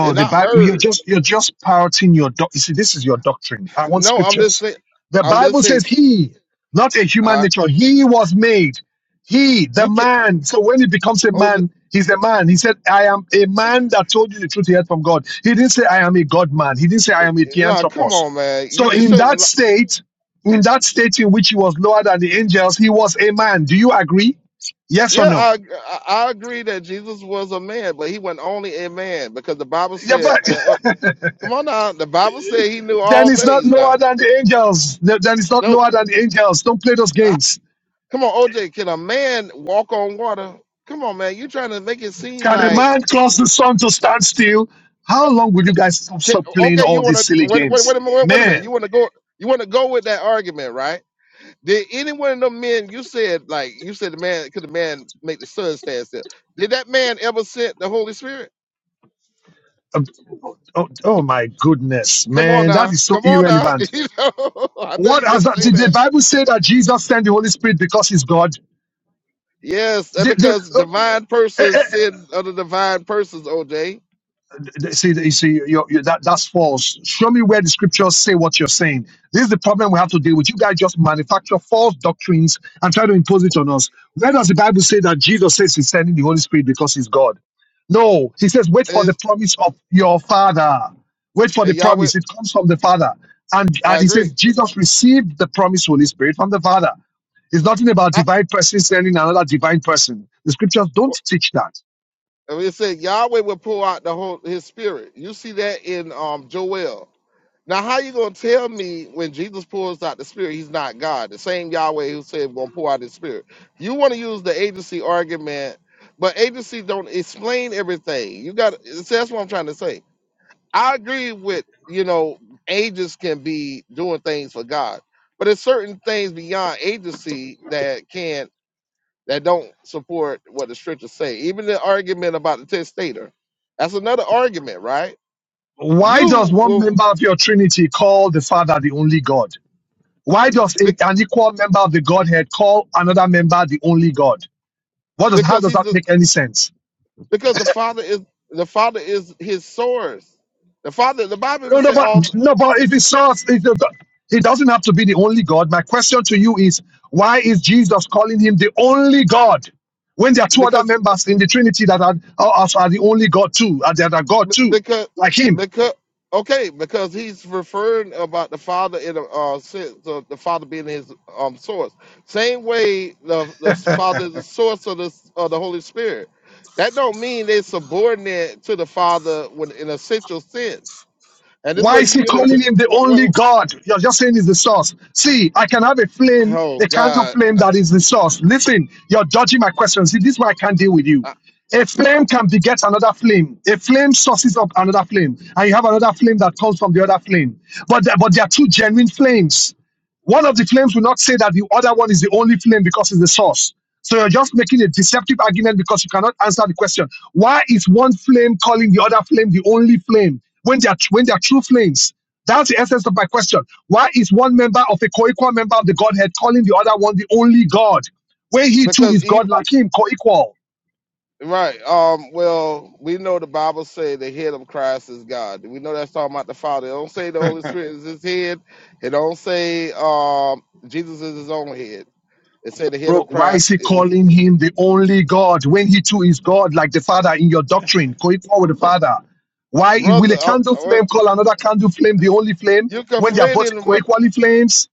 Speaker 2: They're
Speaker 4: the
Speaker 2: not
Speaker 4: Bible. You're
Speaker 2: merged.
Speaker 4: just you're just parroting your. Doc- you see, this is your doctrine. I want
Speaker 2: No, I'm just
Speaker 4: scriptures.
Speaker 2: saying.
Speaker 4: The
Speaker 2: I'm just
Speaker 4: Bible says
Speaker 2: saying.
Speaker 4: he, not a human
Speaker 2: Uh,
Speaker 4: nature. He was made. He, the
Speaker 2: you can.
Speaker 4: man. So when he becomes a
Speaker 2: Oh, the-
Speaker 4: man, he's a man. He said, "I am a man that told you the truth he heard from God." He didn't say, "I am a God man." He didn't say, "I am a
Speaker 2: no, come
Speaker 4: theanthropos."
Speaker 2: on, man. You
Speaker 4: So
Speaker 2: you
Speaker 4: in that
Speaker 2: shouldn't. li-
Speaker 4: state, in that state in which he was lower than the angels, he was a man. Do you agree? Yes or
Speaker 2: Yeah,
Speaker 4: no?
Speaker 2: I, I I agree that Jesus was a man, but he wasn't only a man because the Bible
Speaker 4: Yeah,
Speaker 2: said.
Speaker 4: but
Speaker 2: Uh, uh, come on now, the Bible said he knew
Speaker 4: Then
Speaker 2: all
Speaker 4: it's not
Speaker 2: things.
Speaker 4: lower
Speaker 2: Now,
Speaker 4: than the angels. Then then it's not
Speaker 2: no,
Speaker 4: lower than the angels. Don't play those games.
Speaker 2: Come on, OJ, can a man walk on water? Come on, man. You're trying to make it seem
Speaker 4: Can a
Speaker 2: like
Speaker 4: man cause the sun to stand still? How long will you guys stop,
Speaker 2: can,
Speaker 4: stop playing
Speaker 2: okay, you
Speaker 4: all
Speaker 2: want
Speaker 4: these
Speaker 2: to
Speaker 4: silly
Speaker 2: wait, wait,
Speaker 4: games?
Speaker 2: wait a minute, wait a minute. You
Speaker 4: Man,
Speaker 2: want to go you want to go with that argument, right? Did any one of them men you said like you said the man could the man make the sun stand still? Did that man ever send the Holy Spirit?
Speaker 4: um, oh, oh my goodness,
Speaker 2: Come on
Speaker 4: man, that
Speaker 2: now.
Speaker 4: is so
Speaker 2: Come on now.
Speaker 4: irrelevant.
Speaker 2: you know, I know
Speaker 4: What
Speaker 2: you're going
Speaker 4: has
Speaker 2: to
Speaker 4: that?
Speaker 2: say
Speaker 4: Did the
Speaker 2: that.
Speaker 4: Bible say that Jesus sent the Holy Spirit because he's God?
Speaker 2: Yes, and
Speaker 4: The,
Speaker 2: because
Speaker 4: the, uh,
Speaker 2: divine
Speaker 4: eh, eh,
Speaker 2: persons sin other divine persons, OJ.
Speaker 4: see, see, you're, you're, that, that's false. Show me where the scriptures say what you're saying. This is the problem we have to deal with. You guys just manufacture false doctrines and try to impose it on us. Where does the Bible say that Jesus says he's sending the Holy Spirit because he's God? No, he says, wait for the
Speaker 2: And,
Speaker 4: promise of your Father. Wait for the
Speaker 2: and Yahweh,
Speaker 4: promise. It comes from the Father. And,
Speaker 2: I
Speaker 4: and he says,
Speaker 2: agree.
Speaker 4: Jesus received the promised Holy Spirit from the Father. It's nothing about
Speaker 2: I,
Speaker 4: divine person sending another divine person. The scriptures don't teach that.
Speaker 2: And it said Yahweh will pour out the whole his spirit. You see that in um Joel. Now, how you gonna tell me when Jesus pours out the Spirit, He's not God? The same Yahweh who said gonna pour out His Spirit. You want to use the agency argument, but agencies don't explain everything. You got so that's what I'm trying to say. I agree with you know agents can be doing things for God, but there's certain things beyond agency that can that don't support what the scriptures say. Even the argument about the testator, that's another argument, right?
Speaker 4: Why does
Speaker 2: You
Speaker 4: one
Speaker 2: will
Speaker 4: member of your Trinity call the Father the only God? Why does a,
Speaker 2: bec-
Speaker 4: an equal member of the Godhead call another member the only God? What does how
Speaker 2: because
Speaker 4: does
Speaker 2: he's
Speaker 4: that
Speaker 2: the
Speaker 4: make any sense?
Speaker 2: because the father is the father is his source. The father, the Bible
Speaker 4: No,
Speaker 2: even
Speaker 4: no,
Speaker 2: say
Speaker 4: but
Speaker 2: all
Speaker 4: no, but if it's not, if it, it doesn't have to be the only God. My question to you is, why is Jesus calling him the only God when there are two
Speaker 2: because
Speaker 4: other members in the Trinity that are are, are the only God too, and that are God
Speaker 2: B-
Speaker 4: too,
Speaker 2: because
Speaker 4: like him?
Speaker 2: because okay because he's referring about the father in a uh, sense of the father being his um source same way the the father is the source of the of the holy spirit that don't mean they're subordinate to the father when in a essential sense and this
Speaker 4: Why
Speaker 2: way
Speaker 4: is
Speaker 2: you
Speaker 4: he
Speaker 2: unit
Speaker 4: calling him the
Speaker 2: what,
Speaker 4: only
Speaker 2: what,
Speaker 4: God? You're just saying he's the source. See, I can have a flame,
Speaker 2: oh
Speaker 4: a candle
Speaker 2: god
Speaker 4: flame that is the source. Listen, you're dodging my question. See, this is why I can't deal with you.
Speaker 2: I-
Speaker 4: A flame can beget another flame. A flame sources up another flame, and you have another flame that comes from the other flame. But the- but they are two genuine flames. One of the claims will not say that the other one is the only claim because it's the source. So you're just making a deceptive argument because you cannot answer the question. Why is one flame calling the other flame the only flame when they are when they are true flames? That's the essence of my question. Why is one member of a co-equal member of the Godhead calling the other one the only God, when he too
Speaker 2: because
Speaker 4: is
Speaker 2: ev-
Speaker 4: God like him, co-equal?
Speaker 2: Right. Um. Well, we know the Bible say the head of Christ is God. We know that's talking about the Father. It don't say the Holy Spirit is His head. It don't say um Jesus is His own head. It say the head
Speaker 4: Bro,
Speaker 2: of
Speaker 4: why is
Speaker 2: Christ
Speaker 4: he
Speaker 2: is
Speaker 4: calling him the only God when he too is God, like the Father in your doctrine? Going forward with the Father. Why will
Speaker 2: brother.
Speaker 4: a
Speaker 2: Uh,
Speaker 4: candle
Speaker 2: uh,
Speaker 4: flame call another candle flame the only flame
Speaker 2: you
Speaker 4: when they are both
Speaker 2: conflating what?
Speaker 4: co-equally flames?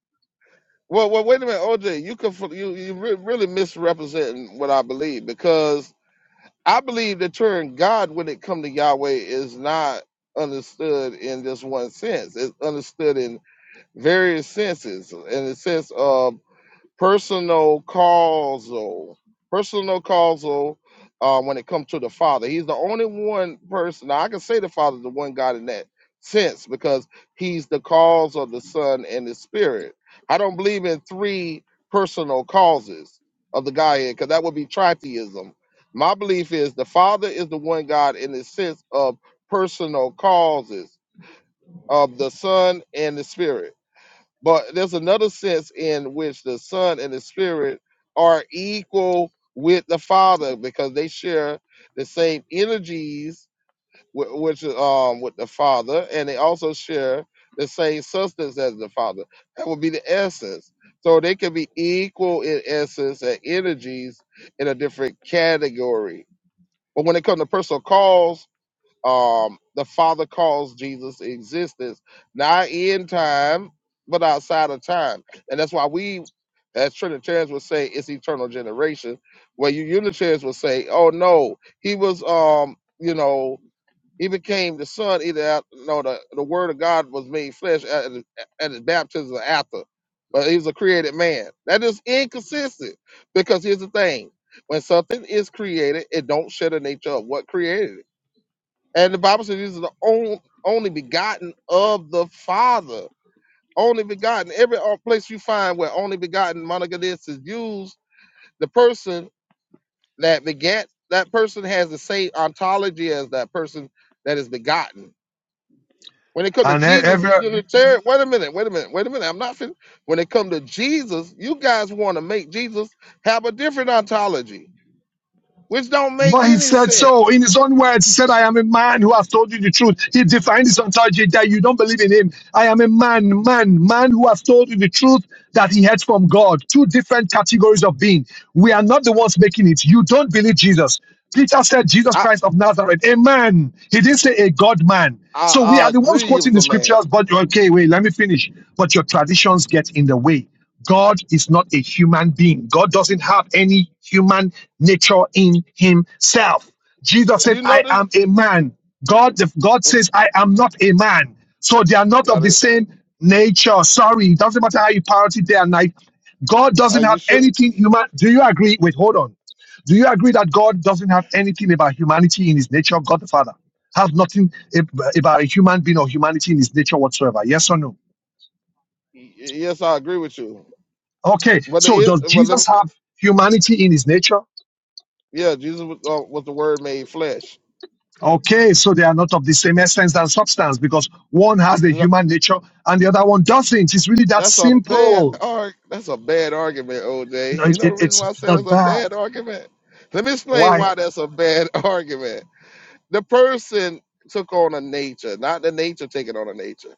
Speaker 2: Well, well, wait a minute, OJ. You confl- you you re- really misrepresenting what I believe because I believe the term God when it come to Yahweh is not understood in just one sense. It's understood various senses and the sense of personal causal personal causal uh, when it comes to the father he's the only one person now i can say the father is the one god in that sense because he's the cause of the son and the spirit i don't believe in three personal causes of the godhead because that would be tritheism my belief is the father is the one god in the sense of personal causes of the son and the spirit but there's another sense in which the Son and the Spirit are equal with the Father because they share the same energies with, which um with the Father, and they also share the same substance as the Father. That would be the essence. So they can be equal in essence and energies in a different category. But when it comes to personal calls, um, the Father calls Jesus existence, not in time, but outside of time. And that's why we, as Trinitarians would say, it's eternal generation. Where you Unitarians would say, oh no, he was, um, you know, he became the son either at, no, the, the word of God was made flesh at, his- at his baptism or after. But he was a created man. That is inconsistent because here's the thing. When something is created, it don't share the nature of what created it and the Bible says he's the only, only begotten of the Father. Only begotten. Every uh, place you find where only begotten monogenes is used, the person that begat that person has the same ontology as that person that is begotten. When it comes to
Speaker 4: And e-
Speaker 2: Jesus,
Speaker 4: every
Speaker 2: you Unitarian. Wait a minute. Wait a minute. Wait a minute. I'm not fin. When it comes to Jesus, you guys want to make Jesus have a different ontology, which don't make
Speaker 4: But he
Speaker 2: any
Speaker 4: said
Speaker 2: sense.
Speaker 4: so in his own words. He said, I am a man who have told you the truth. He defined his ontology that you don't believe in him. I am a man, man, man who have told you the truth that he heard from God. Two different categories of being. We are not the ones making it. You don't believe Jesus. Peter said, Jesus
Speaker 2: I
Speaker 4: Christ of Nazareth, a man. He didn't say a God man. So we are
Speaker 2: I, I
Speaker 4: the ones
Speaker 2: agree. He
Speaker 4: quoting
Speaker 2: was
Speaker 4: the
Speaker 2: a man.
Speaker 4: scriptures, but okay, wait, let me finish. But your traditions get in the way. God is not a human being. God doesn't have any human nature in himself. Jesus said,
Speaker 2: You
Speaker 4: I
Speaker 2: notice.
Speaker 4: am a man. God, God says, I am not a man. So they are not of
Speaker 2: Got
Speaker 4: the
Speaker 2: it.
Speaker 4: same nature. Sorry, it doesn't matter how you parrot it day and night. God doesn't
Speaker 2: Are you
Speaker 4: have
Speaker 2: sure?
Speaker 4: anything human. Do you agree? Wait, hold on. Do you agree that God doesn't have anything about humanity in his nature? God the Father has nothing ab- about a human being or humanity in his nature whatsoever. Yes or no?
Speaker 2: Y- yes, I agree with you.
Speaker 4: Okay,
Speaker 2: But the
Speaker 4: so
Speaker 2: it-
Speaker 4: does
Speaker 2: but
Speaker 4: Jesus
Speaker 2: the,
Speaker 4: have humanity in his nature?
Speaker 2: yeah, Jesus was, uh, was the Word made flesh.
Speaker 4: Okay, so they are not of the same essence and substance because one has the
Speaker 2: No,
Speaker 4: human nature and the other one doesn't. It's really that
Speaker 2: That's a bad
Speaker 4: simple.
Speaker 2: arg. That's a bad argument,
Speaker 4: No,
Speaker 2: OJ. You
Speaker 4: it-
Speaker 2: know the
Speaker 4: it-
Speaker 2: reason
Speaker 4: it's
Speaker 2: why I say that's
Speaker 4: not
Speaker 2: a
Speaker 4: bad.
Speaker 2: bad argument. Let me explain
Speaker 4: Why?
Speaker 2: why that's a bad argument. The person took on a nature, not the nature taking on a nature.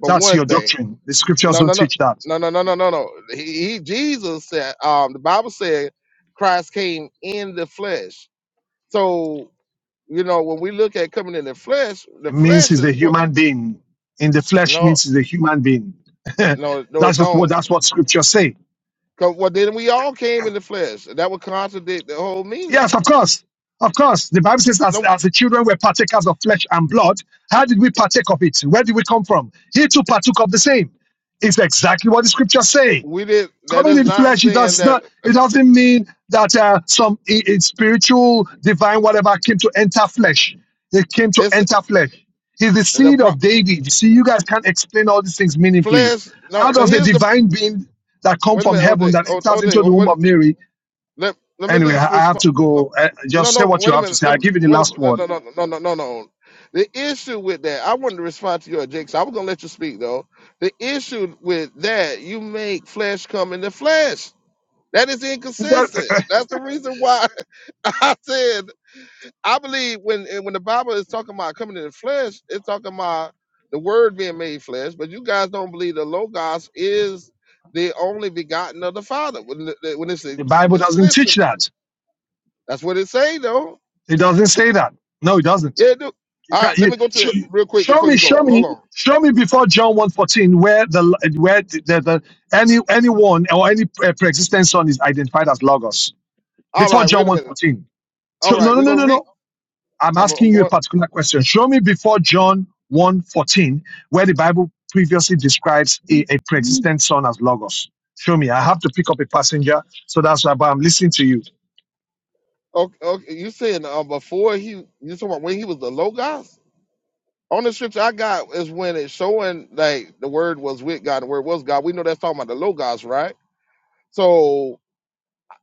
Speaker 2: For
Speaker 4: That's
Speaker 2: one
Speaker 4: your
Speaker 2: thing,
Speaker 4: doctrine. The scriptures
Speaker 2: no, no,
Speaker 4: don't
Speaker 2: no,
Speaker 4: teach that.
Speaker 2: no, no, no, no, no, no. He, he Jesus said, um, the Bible said, Christ came in the flesh. So you know, when we look at coming in the flesh, the
Speaker 4: It means
Speaker 2: flesh
Speaker 4: he's a
Speaker 2: is what
Speaker 4: human being. In the flesh
Speaker 2: no,
Speaker 4: means he's a human being.
Speaker 2: no, no, it
Speaker 4: that's just what
Speaker 2: don't.
Speaker 4: that's what scriptures say.
Speaker 2: 'Cause, well, then we all came in the flesh. and That would contradict the whole
Speaker 4: Yes,
Speaker 2: meaning.
Speaker 4: of course. Of course. The Bible says, as,
Speaker 2: No,
Speaker 4: as the children were partakers of flesh and blood, how did we partake of it? Where did we come from? He too partook of the same. It's exactly what the scriptures say.
Speaker 2: we did. That
Speaker 4: Coming
Speaker 2: is
Speaker 4: in
Speaker 2: not
Speaker 4: flesh, it
Speaker 2: saying
Speaker 4: does
Speaker 2: that
Speaker 4: not. It doesn't mean that uh, some i- i- spiritual, divine, whatever came to enter flesh. It came to
Speaker 2: it's
Speaker 4: enter flesh. He's the
Speaker 2: the
Speaker 4: seed
Speaker 2: pro-
Speaker 4: of David. You see, you guys can't explain all these things meaningfully.
Speaker 2: flesh. No,
Speaker 4: How
Speaker 2: no.
Speaker 4: does the
Speaker 2: Here's the.
Speaker 4: divine being that come
Speaker 2: Wait a
Speaker 4: from
Speaker 2: minute,
Speaker 4: heaven
Speaker 2: OJ.
Speaker 4: that
Speaker 2: O-
Speaker 4: enters
Speaker 2: OJ.
Speaker 4: into the
Speaker 2: Wait
Speaker 4: womb
Speaker 2: a
Speaker 4: of
Speaker 2: minute.
Speaker 4: Mary
Speaker 2: Let Let me
Speaker 4: Anyway, I
Speaker 2: just
Speaker 4: I have
Speaker 2: respond.
Speaker 4: to go. Uh,
Speaker 2: No,
Speaker 4: just say
Speaker 2: no,
Speaker 4: what you
Speaker 2: wait a
Speaker 4: have to
Speaker 2: minute.
Speaker 4: say.
Speaker 2: Let,
Speaker 4: I'll
Speaker 2: me-
Speaker 4: give you the
Speaker 2: wait a,
Speaker 4: last
Speaker 2: minute.
Speaker 4: word.
Speaker 2: no, no, no, no, no, no. no. The issue with that, I wanted to respond to your Jake. So I was gonna let you speak though. The issue with that, you make flesh come into flesh. That is inconsistent.
Speaker 4: That-
Speaker 2: That's the reason why I said I believe when and when the Bible is talking about coming into flesh, it's talking about the Word being made flesh. But you guys don't believe the Logos is the only begotten of the Father. When, when it's
Speaker 4: the Bible doesn't
Speaker 2: explicit,
Speaker 4: teach that.
Speaker 2: that's what it say though.
Speaker 4: It doesn't say that. No, it doesn't.
Speaker 2: Yeah, dude.
Speaker 4: You
Speaker 2: All
Speaker 4: can't.
Speaker 2: right, let
Speaker 4: You,
Speaker 2: me go to
Speaker 4: show,
Speaker 2: that real quick
Speaker 4: show
Speaker 2: before
Speaker 4: me,
Speaker 2: you
Speaker 4: show
Speaker 2: go. Hold
Speaker 4: me,
Speaker 2: on.
Speaker 4: show me before John 1.14 where the where the, the, the any anyone or any pre- pre-existent son is identified as logos
Speaker 2: All
Speaker 4: before
Speaker 2: right,
Speaker 4: John
Speaker 2: wait a minute.
Speaker 4: 1.14.
Speaker 2: All
Speaker 4: So
Speaker 2: right,
Speaker 4: no, no,
Speaker 2: we're
Speaker 4: no,
Speaker 2: gonna
Speaker 4: no, no.
Speaker 2: read.
Speaker 4: I'm
Speaker 2: I'm, I'm
Speaker 4: asking you a
Speaker 2: going.
Speaker 4: particular question. Show me before John 1 fourteen, where the Bible previously describes a, a pre-existent son as Logos. Show me. I have to pick up a passenger. So that's why but I'm listening to you.
Speaker 2: Okay, okay. You saying uh, before he? You talking about when he was the logos? On the scripture I got is when it's showing like the word was with God, the word was God. We know that's talking about the logos, right? So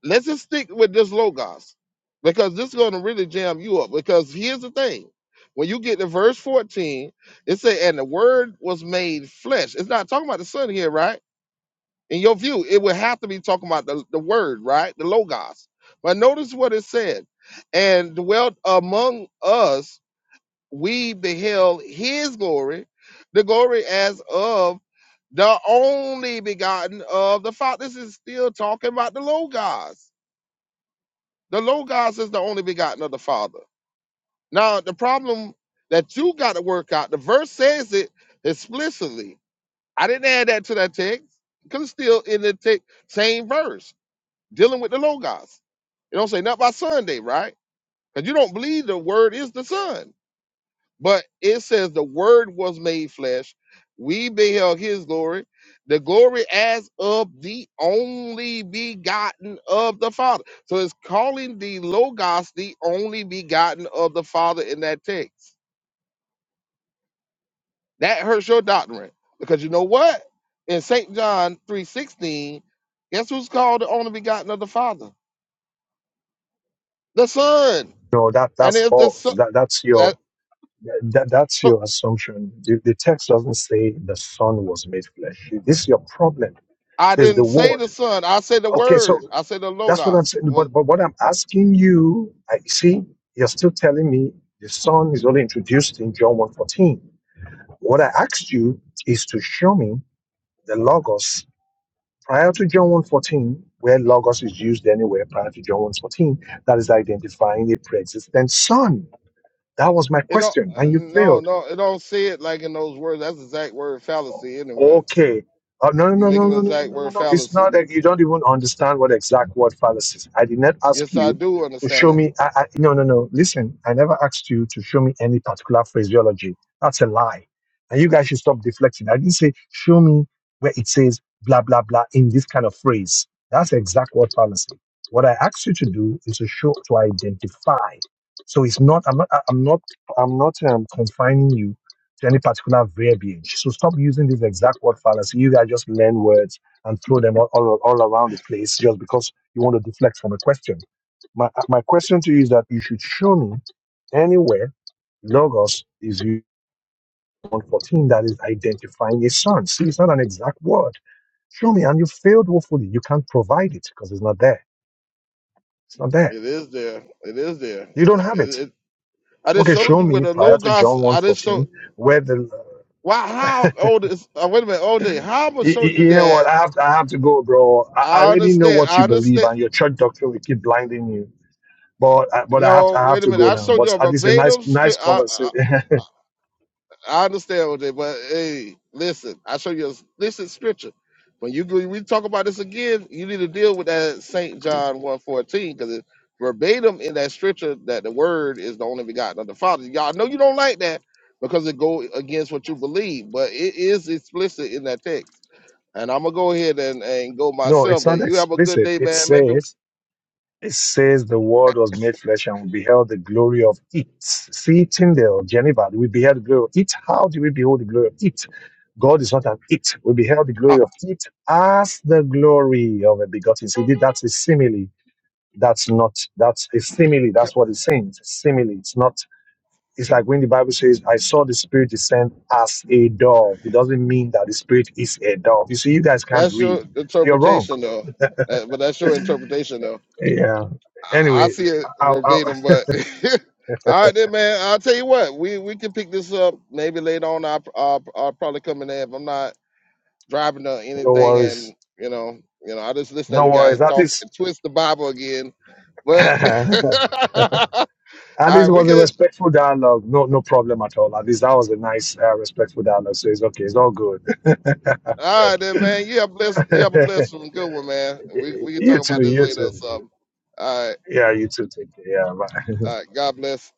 Speaker 2: let's just stick with this logos because this is gonna really jam you up. Because here's the thing. When you get to verse 14, it say, and the word was made flesh. It's not talking about the son here, right? In your view, it would have to be talking about the, the word, right? The logos. But notice what it said. And dwelt among us, we beheld his glory, the glory as of the only begotten of the Father. This is still talking about the logos. The logos is the only begotten of the Father. Now, the problem that you got to work out, the verse says it explicitly. I didn't add that to that text. Because still in the text, same verse. dealing with the logos. It don't say nothing about Sunday, right? Because you don't believe the word is the Son. But it says the word was made flesh. We beheld his glory, the glory as of the only begotten of the Father. So it's calling the Logos the only begotten of the Father in that text. That hurts your doctrine. Because you know what? In St. John 3.16, guess who's called the only begotten of the Father? The Son.
Speaker 4: No, that
Speaker 2: And
Speaker 4: that's
Speaker 2: if the Son
Speaker 4: false. That that's
Speaker 2: that
Speaker 4: your that, that's
Speaker 2: so
Speaker 4: your assumption. The, the text doesn't say the Son was made flesh. This is your problem. It
Speaker 2: I
Speaker 4: says the
Speaker 2: didn't say the
Speaker 4: Word.
Speaker 2: son. I said the
Speaker 4: Okay,
Speaker 2: word.
Speaker 4: so
Speaker 2: I said the
Speaker 4: that's what I'm
Speaker 2: logos.
Speaker 4: saying.
Speaker 2: Was
Speaker 4: But but what I'm asking you, I see, you're still telling me the Son is only introduced in John 1.14. What I asked you is to show me the logos prior to John one fourteen, where logos is used anywhere prior to John one fourteen. that is identifying a pre-existent son. That was my
Speaker 2: it don't
Speaker 4: question,
Speaker 2: uh,
Speaker 4: and you
Speaker 2: no
Speaker 4: failed.
Speaker 2: no it don't say it like in those words. That's the exact word fallacy anyway.
Speaker 4: Okay. Oh, no,
Speaker 2: You
Speaker 4: no, no,
Speaker 2: making an
Speaker 4: no, no, no,
Speaker 2: exact
Speaker 4: no, no.
Speaker 2: word
Speaker 4: no. It's not
Speaker 2: fallacy.
Speaker 4: that you don't even understand what exact word fallacy is. I did not ask
Speaker 2: Yes, I
Speaker 4: you
Speaker 2: do
Speaker 4: to
Speaker 2: understand
Speaker 4: show
Speaker 2: it.
Speaker 4: me. I, I, no, no, no. Listen, I never asked you to show me any particular phraseology. That's a lie. And you guys should stop deflecting. I didn't say, show me where it says blah, blah, blah in this kind of phrase. That's the exact word fallacy. What I asked you to do is to show, to identify. So it's not, I'm not, I- I'm not, I'm not um, confining you to any particular verbiage. So stop using this exact word fallacy. You guys just learn words and throw them all, all, all around the place just because you want to deflect from a question. My, my question to you is that you should show me anywhere logos is used in 114 that is identifying a son. See, it's not an exact word. Show me, and you failed woefully. You can't provide it because it's not there. It's not there.
Speaker 2: It is there. It is there.
Speaker 4: You don't have
Speaker 2: It,
Speaker 4: it.
Speaker 2: it, I just
Speaker 4: Okay,
Speaker 2: showed
Speaker 4: show
Speaker 2: you
Speaker 4: me
Speaker 2: with the
Speaker 4: prior to
Speaker 2: logos.
Speaker 4: John one
Speaker 2: I just showed.
Speaker 4: fourteen where the
Speaker 2: Why? How old is? Uh, wait a minute, OJ. How I'm gonna
Speaker 4: Y-
Speaker 2: show
Speaker 4: y-
Speaker 2: you
Speaker 4: You know what?
Speaker 2: that?
Speaker 4: I have to, I have to go, bro. I I
Speaker 2: I
Speaker 4: already know
Speaker 2: understand.
Speaker 4: what you
Speaker 2: I
Speaker 4: believe,
Speaker 2: understand.
Speaker 4: and your church doctrine will keep blinding you. But I- but I have to,
Speaker 2: No,
Speaker 4: I have
Speaker 2: wait a
Speaker 4: to
Speaker 2: minute.
Speaker 4: go
Speaker 2: I
Speaker 4: now.
Speaker 2: showed
Speaker 4: But
Speaker 2: you a
Speaker 4: at least a nice
Speaker 2: verbatim.
Speaker 4: nice
Speaker 2: Straight.
Speaker 4: conversation.
Speaker 2: I understand what they, but hey, listen, I show you a listen scripture. When you go, we talk about this again, you need to deal with that Saint John 114, because it's verbatim in that scripture that the word is the only begotten of the Father. Y'all know you don't like that because it go against what you believe, but it is explicit in that text. And I'm gonna go ahead and, and go
Speaker 4: no, it's
Speaker 2: myself,
Speaker 4: not
Speaker 2: but you have a good
Speaker 4: explicit.
Speaker 2: day,
Speaker 4: It
Speaker 2: man. Maybe
Speaker 4: says it says the Word was made flesh and we beheld the glory of it. See Tyndale, Geneva, we beheld the glory of it. How do we behold the glory of it? God is not an it. We beheld the
Speaker 2: uh,
Speaker 4: glory of it as the glory of a begotten. See, that's a simile That's not, that's a simile. That's what it's saying. It's a simile. It's not, it's like when the Bible says, I saw the Spirit descend as a dove. It doesn't mean that the Spirit is a dove. You see, you guys can't
Speaker 2: that's
Speaker 4: read.
Speaker 2: your
Speaker 4: So you're wrong.
Speaker 2: interpretation though. Uh, but that's your interpretation though.
Speaker 4: Yeah.
Speaker 2: I, I
Speaker 4: Anyway,
Speaker 2: see it
Speaker 4: I, I,
Speaker 2: verbatim, but all right, then, man. I'll tell you what, we we can pick this up maybe later on. I I'll, I'll probably come in there if I'm not driving or
Speaker 4: no
Speaker 2: anything,
Speaker 4: worries.
Speaker 2: and you know, you know, I just listen to
Speaker 4: No
Speaker 2: you
Speaker 4: worries.
Speaker 2: guys
Speaker 4: That
Speaker 2: talk
Speaker 4: is,
Speaker 2: and twist the Bible again. But
Speaker 4: at
Speaker 2: all right,
Speaker 4: least it
Speaker 2: we
Speaker 4: was a
Speaker 2: could.
Speaker 4: respectful dialogue. No, no problem at all. At least that was a nice, uh, respectful dialogue. So it's okay. It's all good.
Speaker 2: All right, then, man. You have blessed. You have a blessed one, good one, man. We we can
Speaker 4: you
Speaker 2: talk
Speaker 4: too.
Speaker 2: about this
Speaker 4: You
Speaker 2: later or
Speaker 4: too.
Speaker 2: something. All right,
Speaker 4: Yeah, you too. Take care. Yeah, bye.
Speaker 2: all right. God bless.